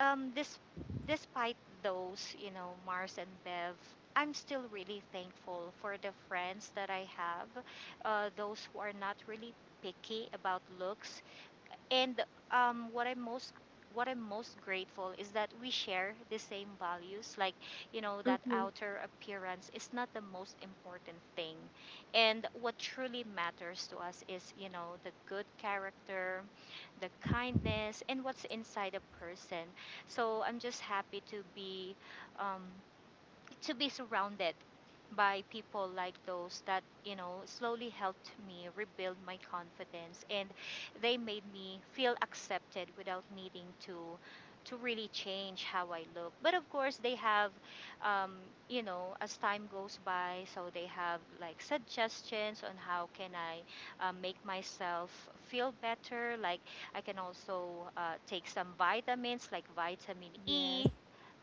Speaker 2: um this despite those you know Mars and Bev, I'm still really thankful for the friends that I have, uh, those who are not really picky about looks, and um, what I'm most what I'm most grateful is that we share the same values. Like, you know, that
Speaker 1: Mm-hmm.
Speaker 2: outer appearance is not the most important thing. And what truly matters to us is, you know, the good character, the kindness, and what's inside a person. So I'm just happy to be um, to be surrounded by people like those that you know slowly helped me rebuild my confidence, and they made me feel accepted without needing to to really change how I look. But of course they have, um, you know, as time goes by, so they have like suggestions on how can I uh, make myself feel better, like I can also uh, take some vitamins like vitamin
Speaker 3: Yes.
Speaker 2: E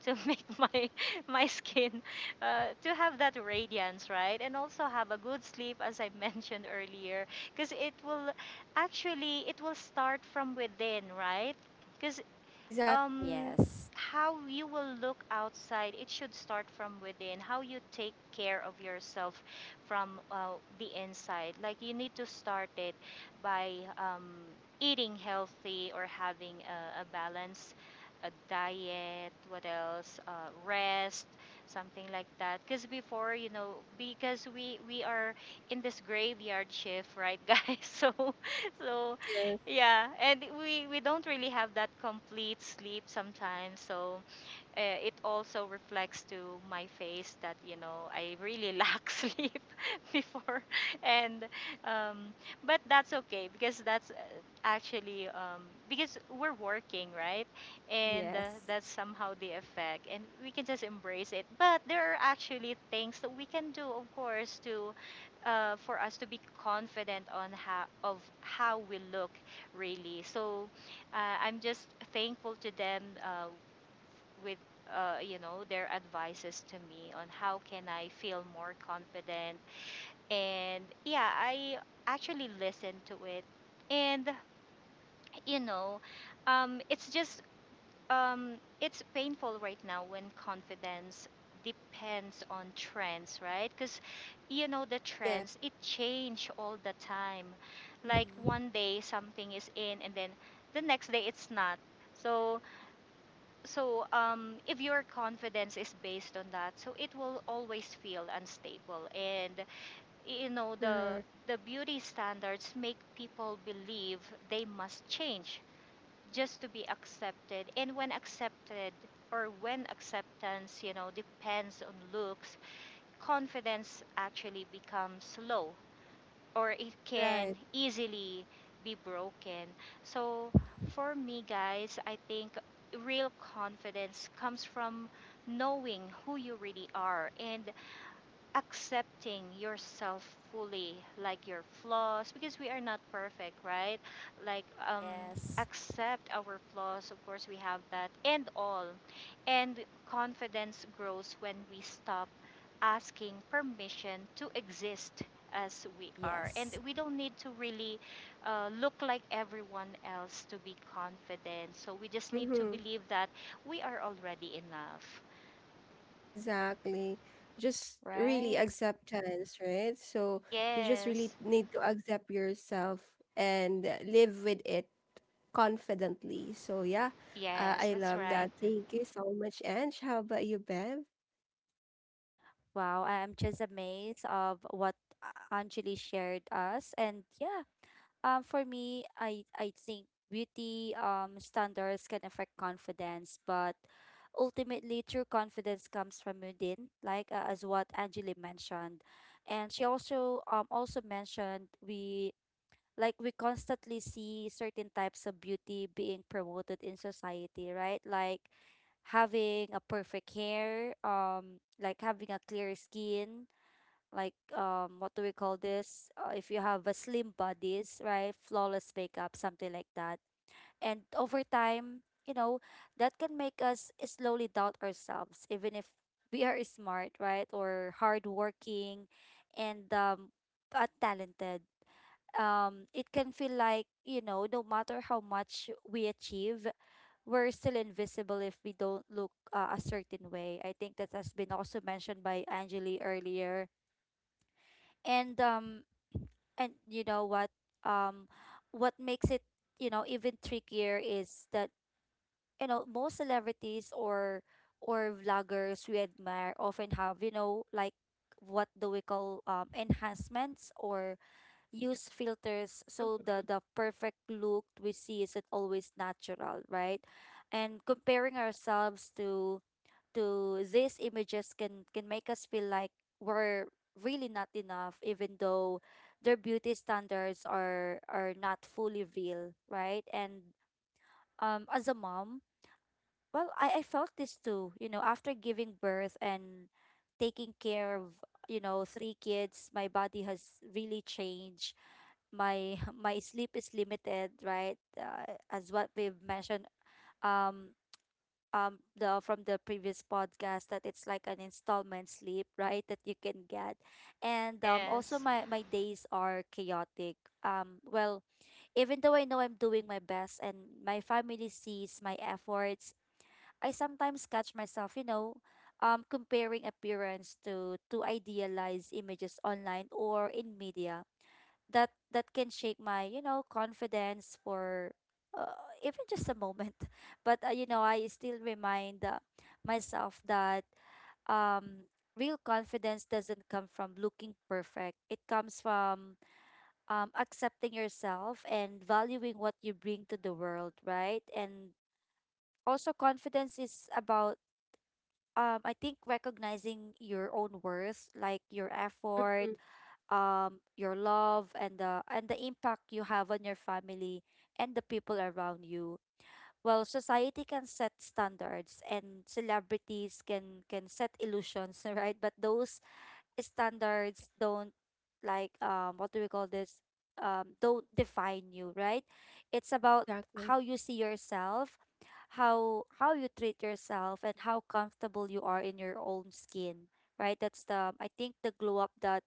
Speaker 2: to make my my skin uh, to have that radiance, right? And also have a good sleep, as I mentioned earlier, because it will actually it will start from within, right? Because
Speaker 1: Exactly.
Speaker 2: um
Speaker 3: Yes.
Speaker 2: how you will look outside, it should start from within how you take care of yourself from, uh, the inside. Like you need to start it by um, eating healthy or having a, a balance a diet. What else? Uh, rest, something like that, because before you know because we we are in this graveyard shift right guys so so yeah, and we we don't really have that complete sleep sometimes, so uh, it also reflects to my face that you know I really lack sleep before, and um, but that's okay because that's uh, actually um, because we're working right, and uh,
Speaker 3: Yes.
Speaker 2: that's somehow the effect, and we can just embrace it. But there are actually things that we can do, of course, to, uh, for us to be confident on how of how we look really. So uh, I'm just thankful to them, uh, with, uh, you know, their advices to me on how can I feel more confident. And yeah, I actually listened to it, and you know, um, it's just, um, it's painful right now when confidence depends on trends, right? Because you know the
Speaker 1: Yeah.
Speaker 2: trends, it change all the time. Like
Speaker 3: Mm-hmm.
Speaker 2: one day something is in, and then the next day it's not. So, so um, if your confidence is based on that, so it will always feel unstable. And you know the
Speaker 1: Correct.
Speaker 2: the beauty standards make people believe they must change just to be accepted. And when accepted, or when acceptance, you know, depends on looks, confidence actually becomes low or it can
Speaker 1: Right.
Speaker 2: easily be broken. So for me, guys, I think real confidence comes from knowing who you really are and accepting yourself fully, like your flaws, because we are not perfect, right? Like, um,
Speaker 3: Yes.
Speaker 2: accept our flaws, of course, we have that, and all. And confidence grows when we stop asking permission to exist as we are. And
Speaker 3: Yes.
Speaker 2: we don't need to really uh, look like everyone else to be confident. So we just need to
Speaker 1: Mm-hmm.
Speaker 2: believe that we are already enough.
Speaker 1: Exactly. Just really
Speaker 3: Right.
Speaker 1: acceptance, right? So you just really
Speaker 2: Yes,
Speaker 1: need to accept yourself and uh, live with it confidently. So yeah, uh,
Speaker 2: yes,
Speaker 1: I
Speaker 2: that's
Speaker 1: love
Speaker 2: right.
Speaker 1: that. Thank you so much, Ange. How about you, Bev?
Speaker 3: Wow, I am just amazed of what A- Anjali shared us. And yeah, um for me, I I think beauty um standards can affect confidence, but ultimately true confidence comes from within, like, uh, as what Anjali mentioned. And she also um also mentioned, we like we constantly see certain types of beauty being promoted in society, right? Like having a perfect hair, um, like having a clear skin, like, um, what do we call this? Uh, if you have a slim bodies, right? Flawless makeup, something like that. And over time, you know, that can make us slowly doubt ourselves, even if we are smart, right? Or hardworking and um, uh, talented, um, it can feel like, you know, no matter how much we achieve, we're still invisible if we don't look uh, a certain way. I think that has been also mentioned by Angeli earlier. And um and you know what, um what makes it, you know, even trickier is that, you know, most celebrities or or vloggers we admire often have, you know, like, what do we call, um enhancements or use filters, so the the perfect look we see isn't always natural, right? And comparing ourselves to to these images can can make us feel like we're really not enough, even though their beauty standards are are not fully real, right? And um as a mom, well, I, I felt this too, you know, after giving birth and taking care of, you know, three kids, my body has really changed, my my sleep is limited, right, uh, as what we've mentioned, um um the from the previous podcast, that it's like an installment sleep, right, that you can get. And um also
Speaker 2: Yes.
Speaker 3: my my days are chaotic, um well, even though I know I'm doing my best and my family sees my efforts, I sometimes catch myself, you know, um, comparing appearance to to idealized images online or in media, that that can shake my, you know, confidence for uh, even just a moment. But uh, you know, I still remind, uh, myself that um real confidence doesn't come from looking perfect. It comes from um accepting yourself and valuing what you bring to the world, right? And also confidence is about, um I think, recognizing your own worth, like your effort,
Speaker 1: Mm-hmm.
Speaker 3: um your love, and the and the impact you have on your family and the people around you. Well, society can set standards and celebrities can can set illusions, right? But those standards don't, like, um what do we call this, um don't define you, right? It's about
Speaker 1: Exactly.
Speaker 3: how you see yourself, how how you treat yourself, and how comfortable you are in your own skin, right? That's the, I think, the glow up that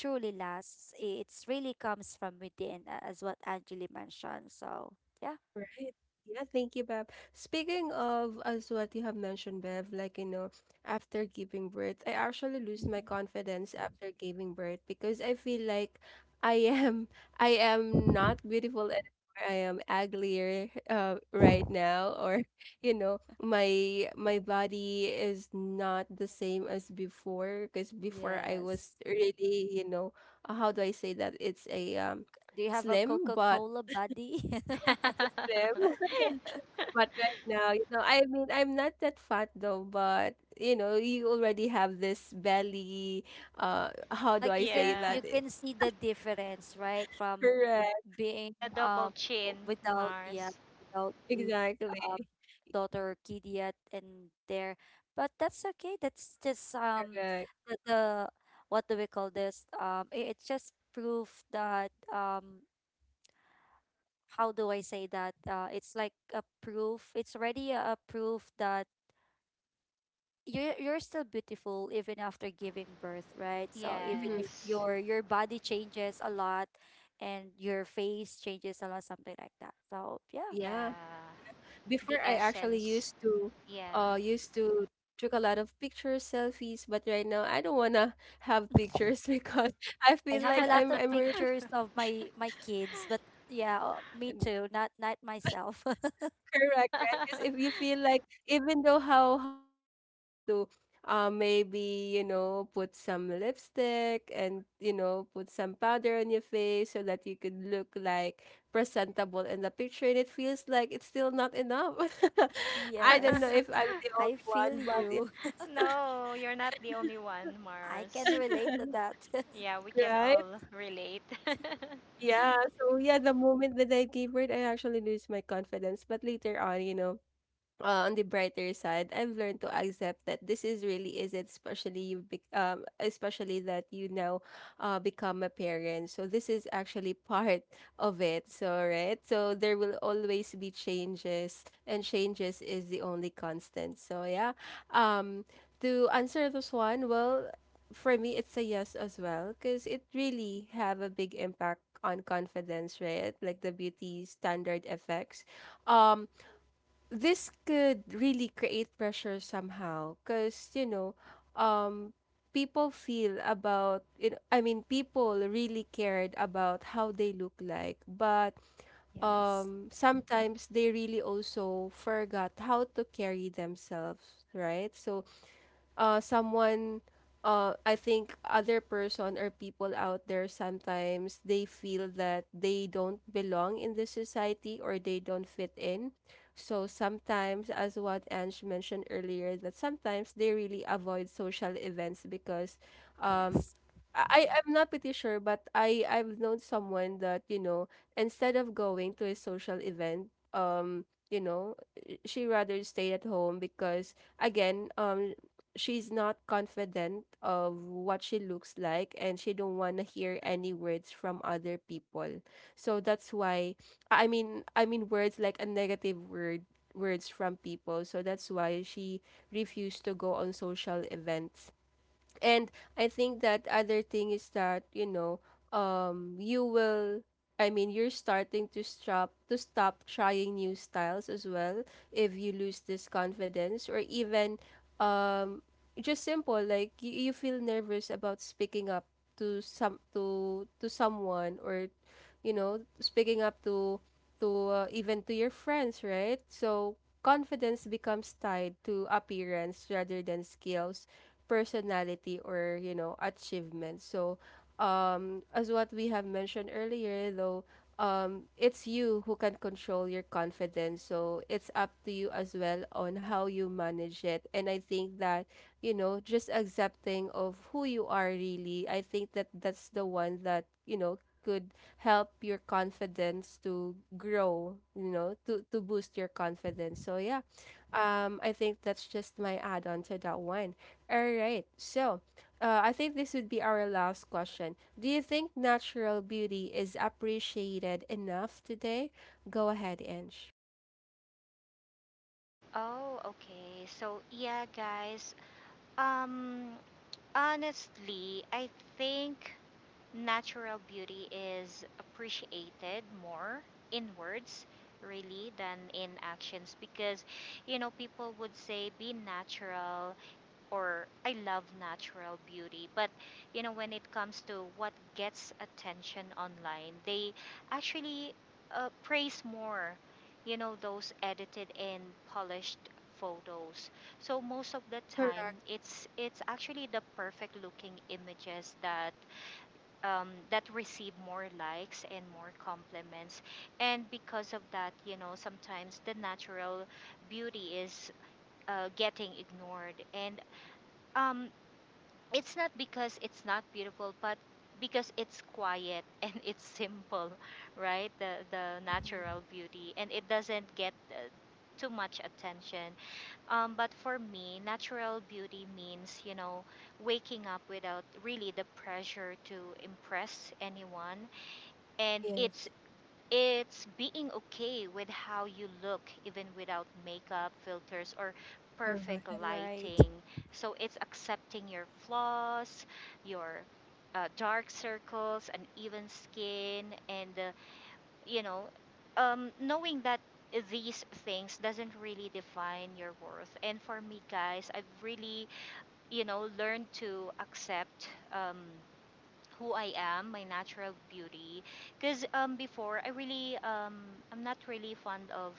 Speaker 3: truly lasts. I- it's really comes from within, a- as what Angeli mentioned. So yeah.
Speaker 1: Right. Yeah, thank you, Bev. Speaking of as what you have mentioned, Bev, like, you know, after giving birth, I actually lose
Speaker 3: Mhm.
Speaker 1: my confidence after giving birth because I feel like I am I am not beautiful anymore. I am uglier uh, right now, or you know, my my body is not the same as before, because before I was
Speaker 3: Yes,
Speaker 1: really, you know, uh, how do I say that? It's a um
Speaker 3: do you have a
Speaker 1: slim, but
Speaker 3: coca-cola buddy?
Speaker 1: it's a slim. Fat right now. You know, I mean, I'm not that fat though, but you know, you already have this belly. Uh, how do
Speaker 3: Like
Speaker 1: I
Speaker 3: you
Speaker 1: say
Speaker 3: can
Speaker 2: Yeah.
Speaker 3: you
Speaker 1: that? Eh,
Speaker 3: can see the difference, right, from
Speaker 1: correct.
Speaker 3: being,
Speaker 2: The double
Speaker 3: um
Speaker 2: chin,
Speaker 3: without, yeah,
Speaker 2: Mars.
Speaker 3: without kids,
Speaker 1: Exactly.
Speaker 3: um daughter or kid yet. And there, but that's okay. That's just, um
Speaker 1: Correct.
Speaker 3: the, the what do we call this, um i- it's just proof that, um how do I say that, uh it's like a proof. It's already a, a proof that you're, you're still beautiful even after giving birth, right? So even
Speaker 1: Mhm.
Speaker 3: if
Speaker 2: Yes.
Speaker 3: your, your body changes a lot and your face changes a lot, something like that. So yeah.
Speaker 1: Yeah.
Speaker 2: Yeah. The
Speaker 1: Before I actually
Speaker 2: essence.
Speaker 1: used to,
Speaker 2: Yeah.
Speaker 1: uh, used to took a lot of pictures, selfies, but right now I don't wanna have pictures because I
Speaker 3: I
Speaker 1: feel
Speaker 3: have a
Speaker 1: like
Speaker 3: lot
Speaker 1: I'm
Speaker 3: of
Speaker 1: I'm really
Speaker 3: pictures of my, my kids, but yeah, uh, me too, not not myself.
Speaker 1: correct, right? Because if you feel like, even though how hard you try to, uh, maybe, you know, put some lipstick and, you know, put some powder on your face so that you could look like presentable in the picture, and it feels like it's still not enough. I don't know
Speaker 3: Yes,
Speaker 1: if I'm the
Speaker 3: I
Speaker 1: only
Speaker 3: feel
Speaker 1: one, but yeah.
Speaker 3: you.
Speaker 2: No, you're not the only one,
Speaker 3: I can
Speaker 2: Mars.
Speaker 3: relate to that.
Speaker 2: Yeah, we can
Speaker 1: Right?
Speaker 2: all relate.
Speaker 1: Yeah. So, yeah, the moment that I gave birth, I actually lose my confidence. But later on, you know, uh, on the brighter side, I've learned to accept that this is really is it, especially you bec um, especially that you now uh, become a parent. So this is actually part of it. So right, so there will always be changes, and changes is the only constant. So yeah, um, to answer this one, well, for me it's a yes as well, because it really have a big impact on confidence, right? Like the beauty standard effects. Um, this could really create pressure somehow, because you know um people feel about you know, i mean people really cared about how they look like, but
Speaker 3: Yes,
Speaker 1: um sometimes they really also forgot how to carry themselves, right? So uh someone uh I think other person or people out there sometimes they feel that they don't belong in the society or they don't fit in. So sometimes as what Ange mentioned earlier that sometimes they really avoid social events because um
Speaker 3: yes.
Speaker 1: I I'm not pretty sure but I I've known someone that you know instead of going to a social event um you know she rather stayed at home because again um she's not confident of what she looks like and she don't want to hear any words from other people, so that's why i mean i mean words like a negative word, words from people, so that's why she refused to go on social events. And I think that other thing is that, you know, um you will, I mean you're starting to stop to stop trying new styles as well if you lose this confidence. Or even um just simple like you, you feel nervous about speaking up to some to to someone or you know speaking up to to uh, even to your friends, right? So confidence becomes tied to appearance rather than skills, personality, or you know achievement. So um as what we have mentioned earlier though, um it's you who can control your confidence, so it's up to you as well on how you manage it. And I think that you know just accepting of who you are really, I think that that's the one that you know could help your confidence to grow, you know, to to boost your confidence.
Speaker 3: Mhm,
Speaker 1: So yeah, um I think that's just my add on to that one. All right. So, uh, I think this would be our last question. Do you think natural beauty is appreciated enough today? Go ahead, Ange.
Speaker 2: Oh, okay. So, yeah, guys. Um, honestly, I think natural beauty is appreciated more in words really than in actions, because you know people would say be natural or I love natural beauty, but you know when it comes to what gets attention online, they actually uh, praise more you know those edited and polished photos. So most of the time
Speaker 1: Correct.
Speaker 2: it's it's actually the perfect looking images that um, that receive more likes and more compliments. And because of that, you know, sometimes the natural beauty is uh, getting ignored. And um, it's not because it's not beautiful, but because it's quiet and it's simple, right? The the
Speaker 3: mhm.
Speaker 2: natural beauty, and it doesn't get uh, too much attention. Um, but for me, natural beauty means, you know, waking up without really the pressure to impress anyone, and it's
Speaker 1: Yes.
Speaker 2: it's being okay with how you look even without makeup, filters, or perfect
Speaker 1: Correct.
Speaker 3: Right.
Speaker 2: lighting. So it's accepting your flaws, your uh, dark circles, uneven skin, and uh, you know, um, knowing that these things doesn't really define your worth. And for me, guys, I've really you know learned to accept um, who I am, my natural beauty. Because um, before, I really, um, I'm not really fond of,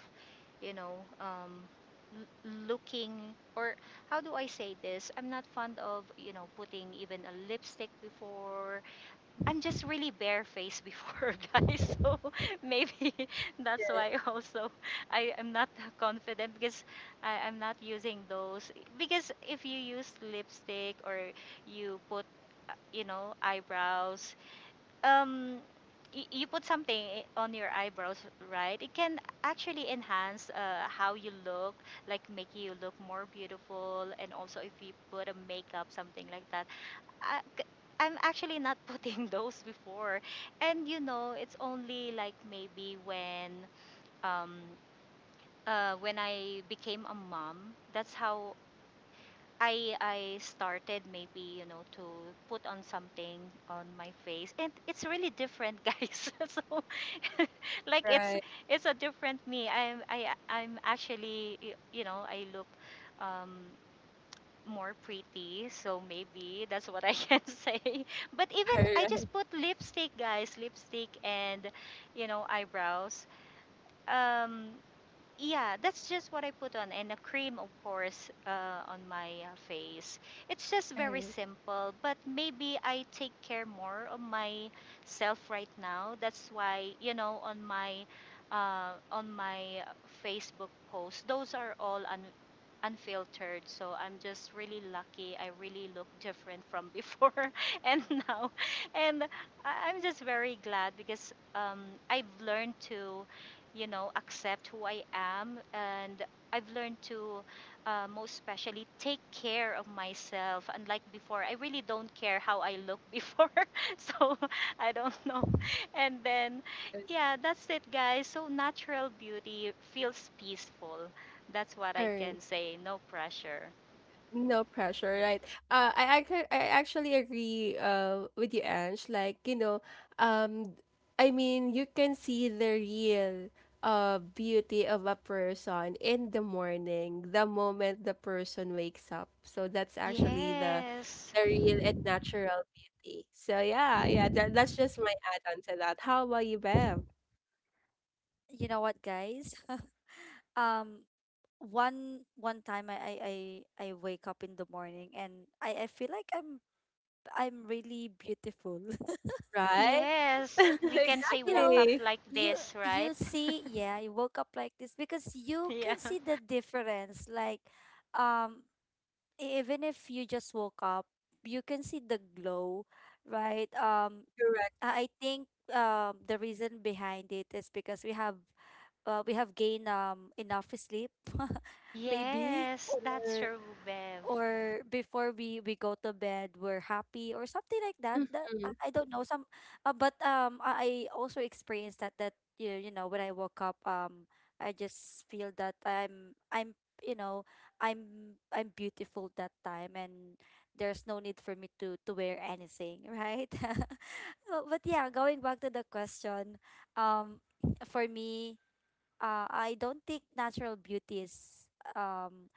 Speaker 2: you know, um, l- looking, or how do I say this? I'm not fond of, you know, putting even a lipstick before, I'm
Speaker 3: Mhm.
Speaker 2: just really barefaced before, guys. So maybe that's why also I am not confident, because I, I'm not using those. Because if you use lipstick or you put, uh, you know, eyebrows, um, y- you put something i- on your eyebrows, right? It can actually enhance uh, how you look, like make you look more beautiful, and also if you put a makeup, something like that, I, am actually not putting those before. And you know, it's only like maybe when um uh when I became a mom, that's how I I started maybe, you know, to put on something on my face. And it's really different, guys. So like it's
Speaker 1: Right.
Speaker 2: it's a different me. I'm I I'm actually y- you know, I look um more pretty, so maybe that's what I can say. But even
Speaker 1: All
Speaker 2: I just
Speaker 1: right.
Speaker 2: put lipstick, guys, lipstick and you know eyebrows. Um, yeah, that's just what I put on, and a cream, of course, uh, on my uh, face. It's just
Speaker 1: All
Speaker 2: very
Speaker 1: right.
Speaker 2: simple, but maybe I take care more of myself right now. That's why, you know, on my uh, on my Facebook post, those are all un- unfiltered. So I'm just really lucky. I really look different from before and now, and I- I'm just very glad because um, I've learned to you know accept who I am. And I've learned to, uh, most especially, take care of myself. Unlike before, I really don't care how I look before. So I don't know. And then,
Speaker 1: All right.
Speaker 2: yeah, that's it, guys. So natural beauty feels peaceful. That's what
Speaker 1: All
Speaker 2: I can
Speaker 1: right.
Speaker 2: say. No pressure.
Speaker 1: No pressure, right? Uh, I actually I actually agree uh with you, Ange. Like, you know, um I mean you can see the real uh beauty of a person in the morning, the moment the person wakes up. So that's actually the
Speaker 2: Yes.
Speaker 1: the real and natural beauty. So yeah, yeah, that, that's just my add-on to that. How about you, Bev?
Speaker 3: You know what, guys? Um, one one time I, I I I wake up in the morning and I I feel like I'm I'm really beautiful.
Speaker 1: Right?
Speaker 2: Yes. We can say
Speaker 3: You
Speaker 2: woke
Speaker 3: know,
Speaker 2: up
Speaker 1: Exactly.
Speaker 2: like
Speaker 3: you
Speaker 2: this, right?
Speaker 3: you see, yeah, you woke up like this because you
Speaker 2: Yeah.
Speaker 3: can see the difference, like, um e- even if you just woke up, you can see the glow, right? um
Speaker 1: Correct.
Speaker 3: i I think, um the reason behind it is because we have, uh, we have gained um enough sleep, maybe,
Speaker 2: Yes, that's
Speaker 3: or
Speaker 2: true, Bev.
Speaker 3: or before we we go to bed we're happy or something like that. That i
Speaker 1: Mm-hmm.
Speaker 3: I don't know, some, uh, but um i I also experienced that, that you you know, when I woke up, um I just feel that i'm I'm, you know, i'm I'm beautiful that time, and there's no need for me to to wear anything, right? Oh, but yeah, going back to the question, um for me, uh I don't think natural beauty is um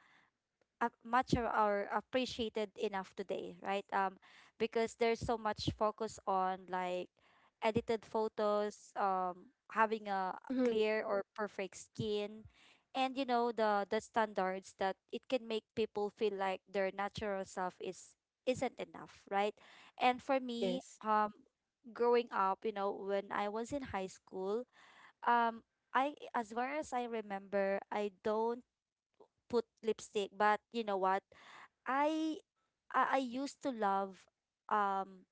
Speaker 3: ap- much of our appreciated enough today, right? Um, because there's so much focus on, like, edited photos, um, having a
Speaker 1: Mm-hmm.
Speaker 3: clear or perfect skin, and you know the the standards, that it can make people feel like their natural self is, isn't enough, right? And for me,
Speaker 1: Yes.
Speaker 3: um, growing up, you know, when I was in high school, um, I, as far as I remember, I don't put lipstick, but you know what? I I I used to love um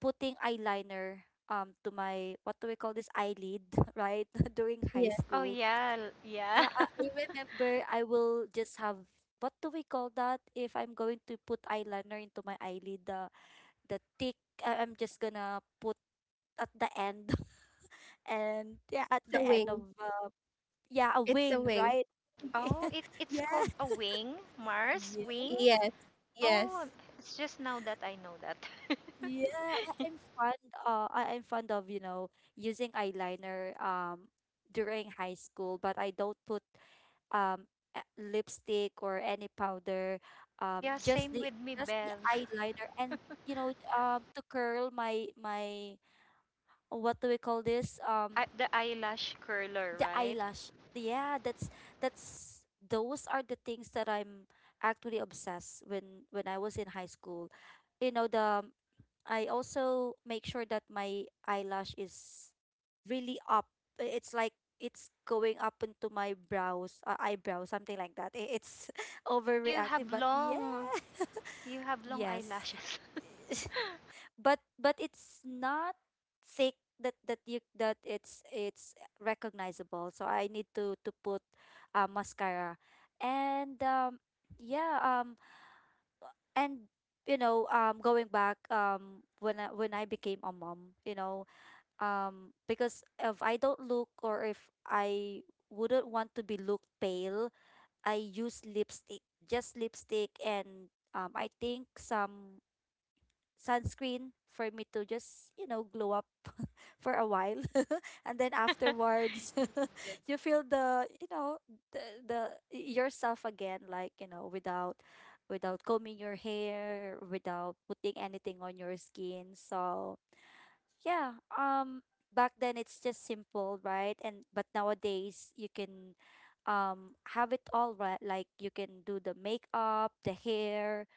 Speaker 3: putting eyeliner um to my, what do we call this, eyelid, right, during high
Speaker 1: Yeah.
Speaker 2: Oh
Speaker 3: school.
Speaker 2: yeah, l- yeah.
Speaker 3: Yeah, I, I remember I will just have, what do we call that, if I'm going to put eyeliner into my eyelid, the the thick, I- I'm just gonna put at the end, and yeah, at
Speaker 1: It's
Speaker 3: the
Speaker 1: a
Speaker 3: end of,
Speaker 1: wing.
Speaker 3: uh, yeah, a
Speaker 1: It's a
Speaker 3: wing,
Speaker 1: wing.
Speaker 3: right?
Speaker 2: Oh, it it's
Speaker 3: Yeah.
Speaker 2: called a wing, Mars, wing.
Speaker 1: Yes.
Speaker 2: Oh,
Speaker 1: Yes.
Speaker 2: it's just now that I know that.
Speaker 3: Yeah, I, I'm fond, uh I, I'm fond of, you know, using eyeliner um during high school, but I don't put, um a- lipstick or any powder. Um,
Speaker 2: Yeah,
Speaker 3: just
Speaker 2: same
Speaker 3: the,
Speaker 2: with me,
Speaker 3: just the
Speaker 2: Bev.
Speaker 3: eyeliner and, you know, um to curl my, my what do we call this? Um,
Speaker 2: I, the eyelash curler,
Speaker 3: the
Speaker 2: right?
Speaker 3: eyelash. Yeah, that's, that's those are the things that I'm actually obsessed when when I was in high school. You know, the, I also make sure that my eyelash is really up. I- It's like it's going up into my brows, uh, eyebrow, something like that. I- It's
Speaker 2: Oh, you
Speaker 3: overreacting,
Speaker 2: have
Speaker 3: but yeah,
Speaker 2: long, you have long
Speaker 3: yes.
Speaker 2: eyelashes.
Speaker 3: But but it's not thick, that that you that it's, it's recognizable. So I need to to put, uh, mascara. And um yeah, um and, you know, um going back, um when I, when I became a mom, you know, um because if I don't look, or if I wouldn't want to be look pale, I use lipstick, just lipstick, and um I think some sunscreen for me to just, you know, glow up for a while. And then afterwards,
Speaker 1: Yeah.
Speaker 3: you feel the, you know, the, the yourself again, like, you know, without, without combing your hair, without putting anything on your skin. So yeah, um back then it's just simple, right? And but nowadays you can um have it all, right? Like you can do the makeup, the hair,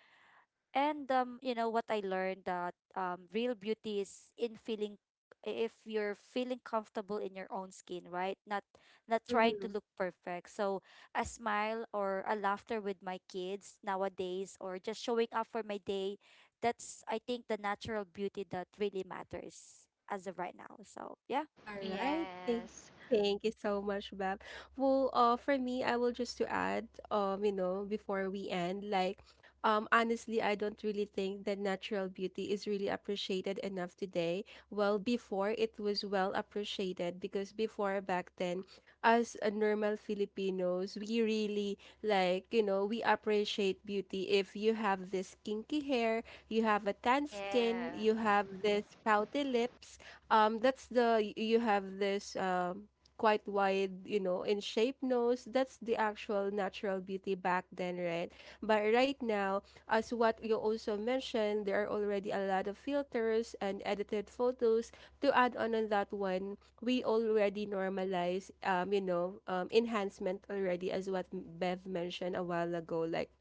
Speaker 3: and, um, you know what I learned, that, um, real beauty is in feeling, if you're feeling comfortable in your own skin, right? Not, not trying to
Speaker 1: Hmm.
Speaker 3: look perfect. So a smile or a laughter with my kids nowadays, or just showing up for my day, that's, I think, the natural beauty that really matters as of right now. So yeah.
Speaker 1: All right. Thank,
Speaker 2: Yes.
Speaker 1: thank you so much, Bab. Well, uh, for me, I will just to add, um, you know, before we end, like, um, honestly, I don't really think that natural beauty is really appreciated enough today. Well, before it was well appreciated because before back then, as a normal Filipinos, we really like, you know, we appreciate beauty if you have this kinky hair, you have a tan
Speaker 3: Yeah.
Speaker 1: skin,
Speaker 2: Yeah.
Speaker 1: you have this pouty lips, um that's the you have this um quite wide, you know, in shape nose. That's the actual natural beauty back then, right? But right now, as what you also mentioned, there are already a lot of filters and edited photos to add on on that one. We already normalize, um you know, um enhancement already, as what Bev mentioned a while ago. Like,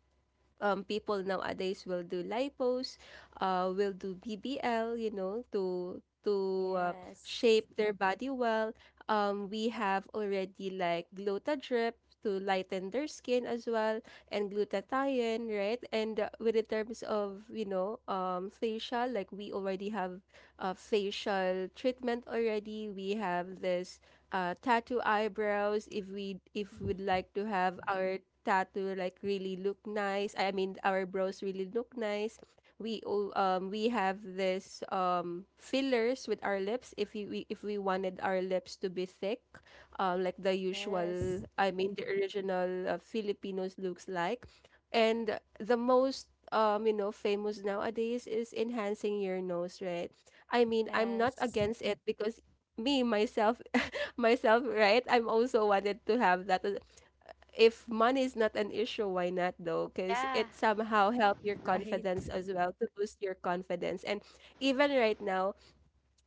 Speaker 1: um, people nowadays will do lipos, uh, will do B B L, you know, to to uh,
Speaker 3: Yes.
Speaker 1: shape their body well. Um, we have already, like, Glutadrip to lighten their skin as well, and glutathione, right? And uh, with the terms of, you know, um, facial, like we already have uh, facial treatment already. We have this uh, tattoo eyebrows. If we if we'd
Speaker 3: Mm-hmm.
Speaker 1: like to have our tattoo like really look nice. I mean, our brows really look nice. We o- um we have this um fillers with our lips, if you we, if we wanted our lips to be thick, um like the usual,
Speaker 3: Yes.
Speaker 1: I mean the original, uh, Filipinos looks like, and the most, um you know, famous nowadays is enhancing your nose, right? I mean, I'm not
Speaker 3: Yes.
Speaker 1: against it because me myself, myself, right, I'm also wanted to have that. If money is not an issue, why not though? Because
Speaker 2: Yeah.
Speaker 1: it somehow help your
Speaker 3: Right.
Speaker 1: confidence as well, to boost your confidence. And even right now,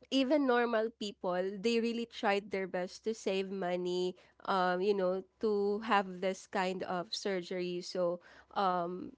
Speaker 1: even normal people, they really tried their best to save money, um, you know, to have this kind of surgery. So, um,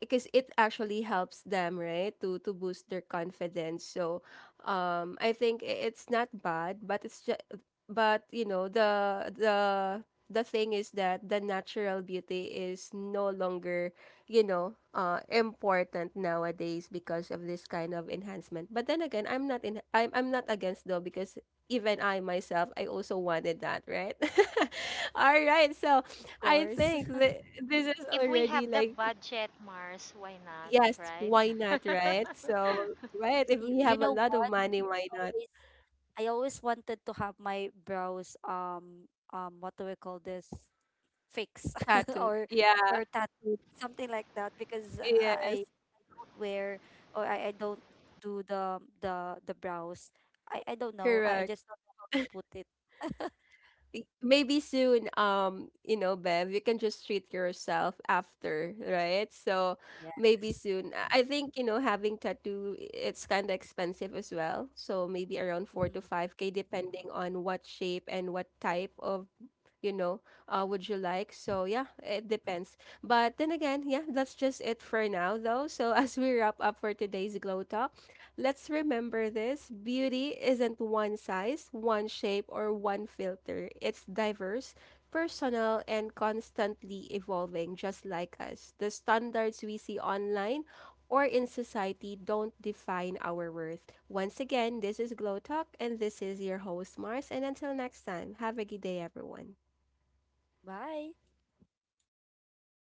Speaker 1: because it actually helps them, right, to to boost their confidence. So, um, I think i- it's not bad, but it's just, but you know, the the the thing is that the natural beauty is no longer, you know, uh, important nowadays because of this kind of enhancement. But then again, I'm not in. I'm I'm not against though, because even I myself, I also wanted that, right? All right, so
Speaker 3: Of
Speaker 1: I
Speaker 3: course.
Speaker 1: think that this is
Speaker 2: If we
Speaker 1: already
Speaker 2: have the
Speaker 1: like,
Speaker 2: budget, Mars, why not,
Speaker 1: yes,
Speaker 2: right?
Speaker 1: why not, right? So right, if
Speaker 3: You,
Speaker 1: we
Speaker 3: you
Speaker 1: have a
Speaker 3: know,
Speaker 1: lot of money, why not?
Speaker 3: always. I always wanted to have my brows, um um what do we call this, fix
Speaker 1: Tattoo?
Speaker 3: or
Speaker 1: Yeah.
Speaker 3: or tattooed, something like that, because
Speaker 1: Yes.
Speaker 3: I, I don't wear, or I, I don't do the the the brows. I I don't know. I, I
Speaker 1: Correct.
Speaker 3: just don't know how to put it.
Speaker 1: Y- maybe soon, um you know, Bev, you can just treat yourself after, right? So maybe
Speaker 3: Yes.
Speaker 1: soon, i I think, you know, having tattoo, i- it's kind of expensive as well, so maybe around four to
Speaker 3: Mm-hmm.
Speaker 1: five k depending on what shape and what type of, you know, uh would you like. So yeah, it depends. But then again, yeah, that's just it for now though. So as we wrap up for today's Glow Talk, let's remember this: beauty isn't one size, one shape, or one filter. It's diverse, personal, and constantly evolving, just like us. The standards we see online or in society don't define our worth. Once again, this is Glow Talk, and this is your host, Mars. And until next time, have a good day, everyone.
Speaker 3: Bye.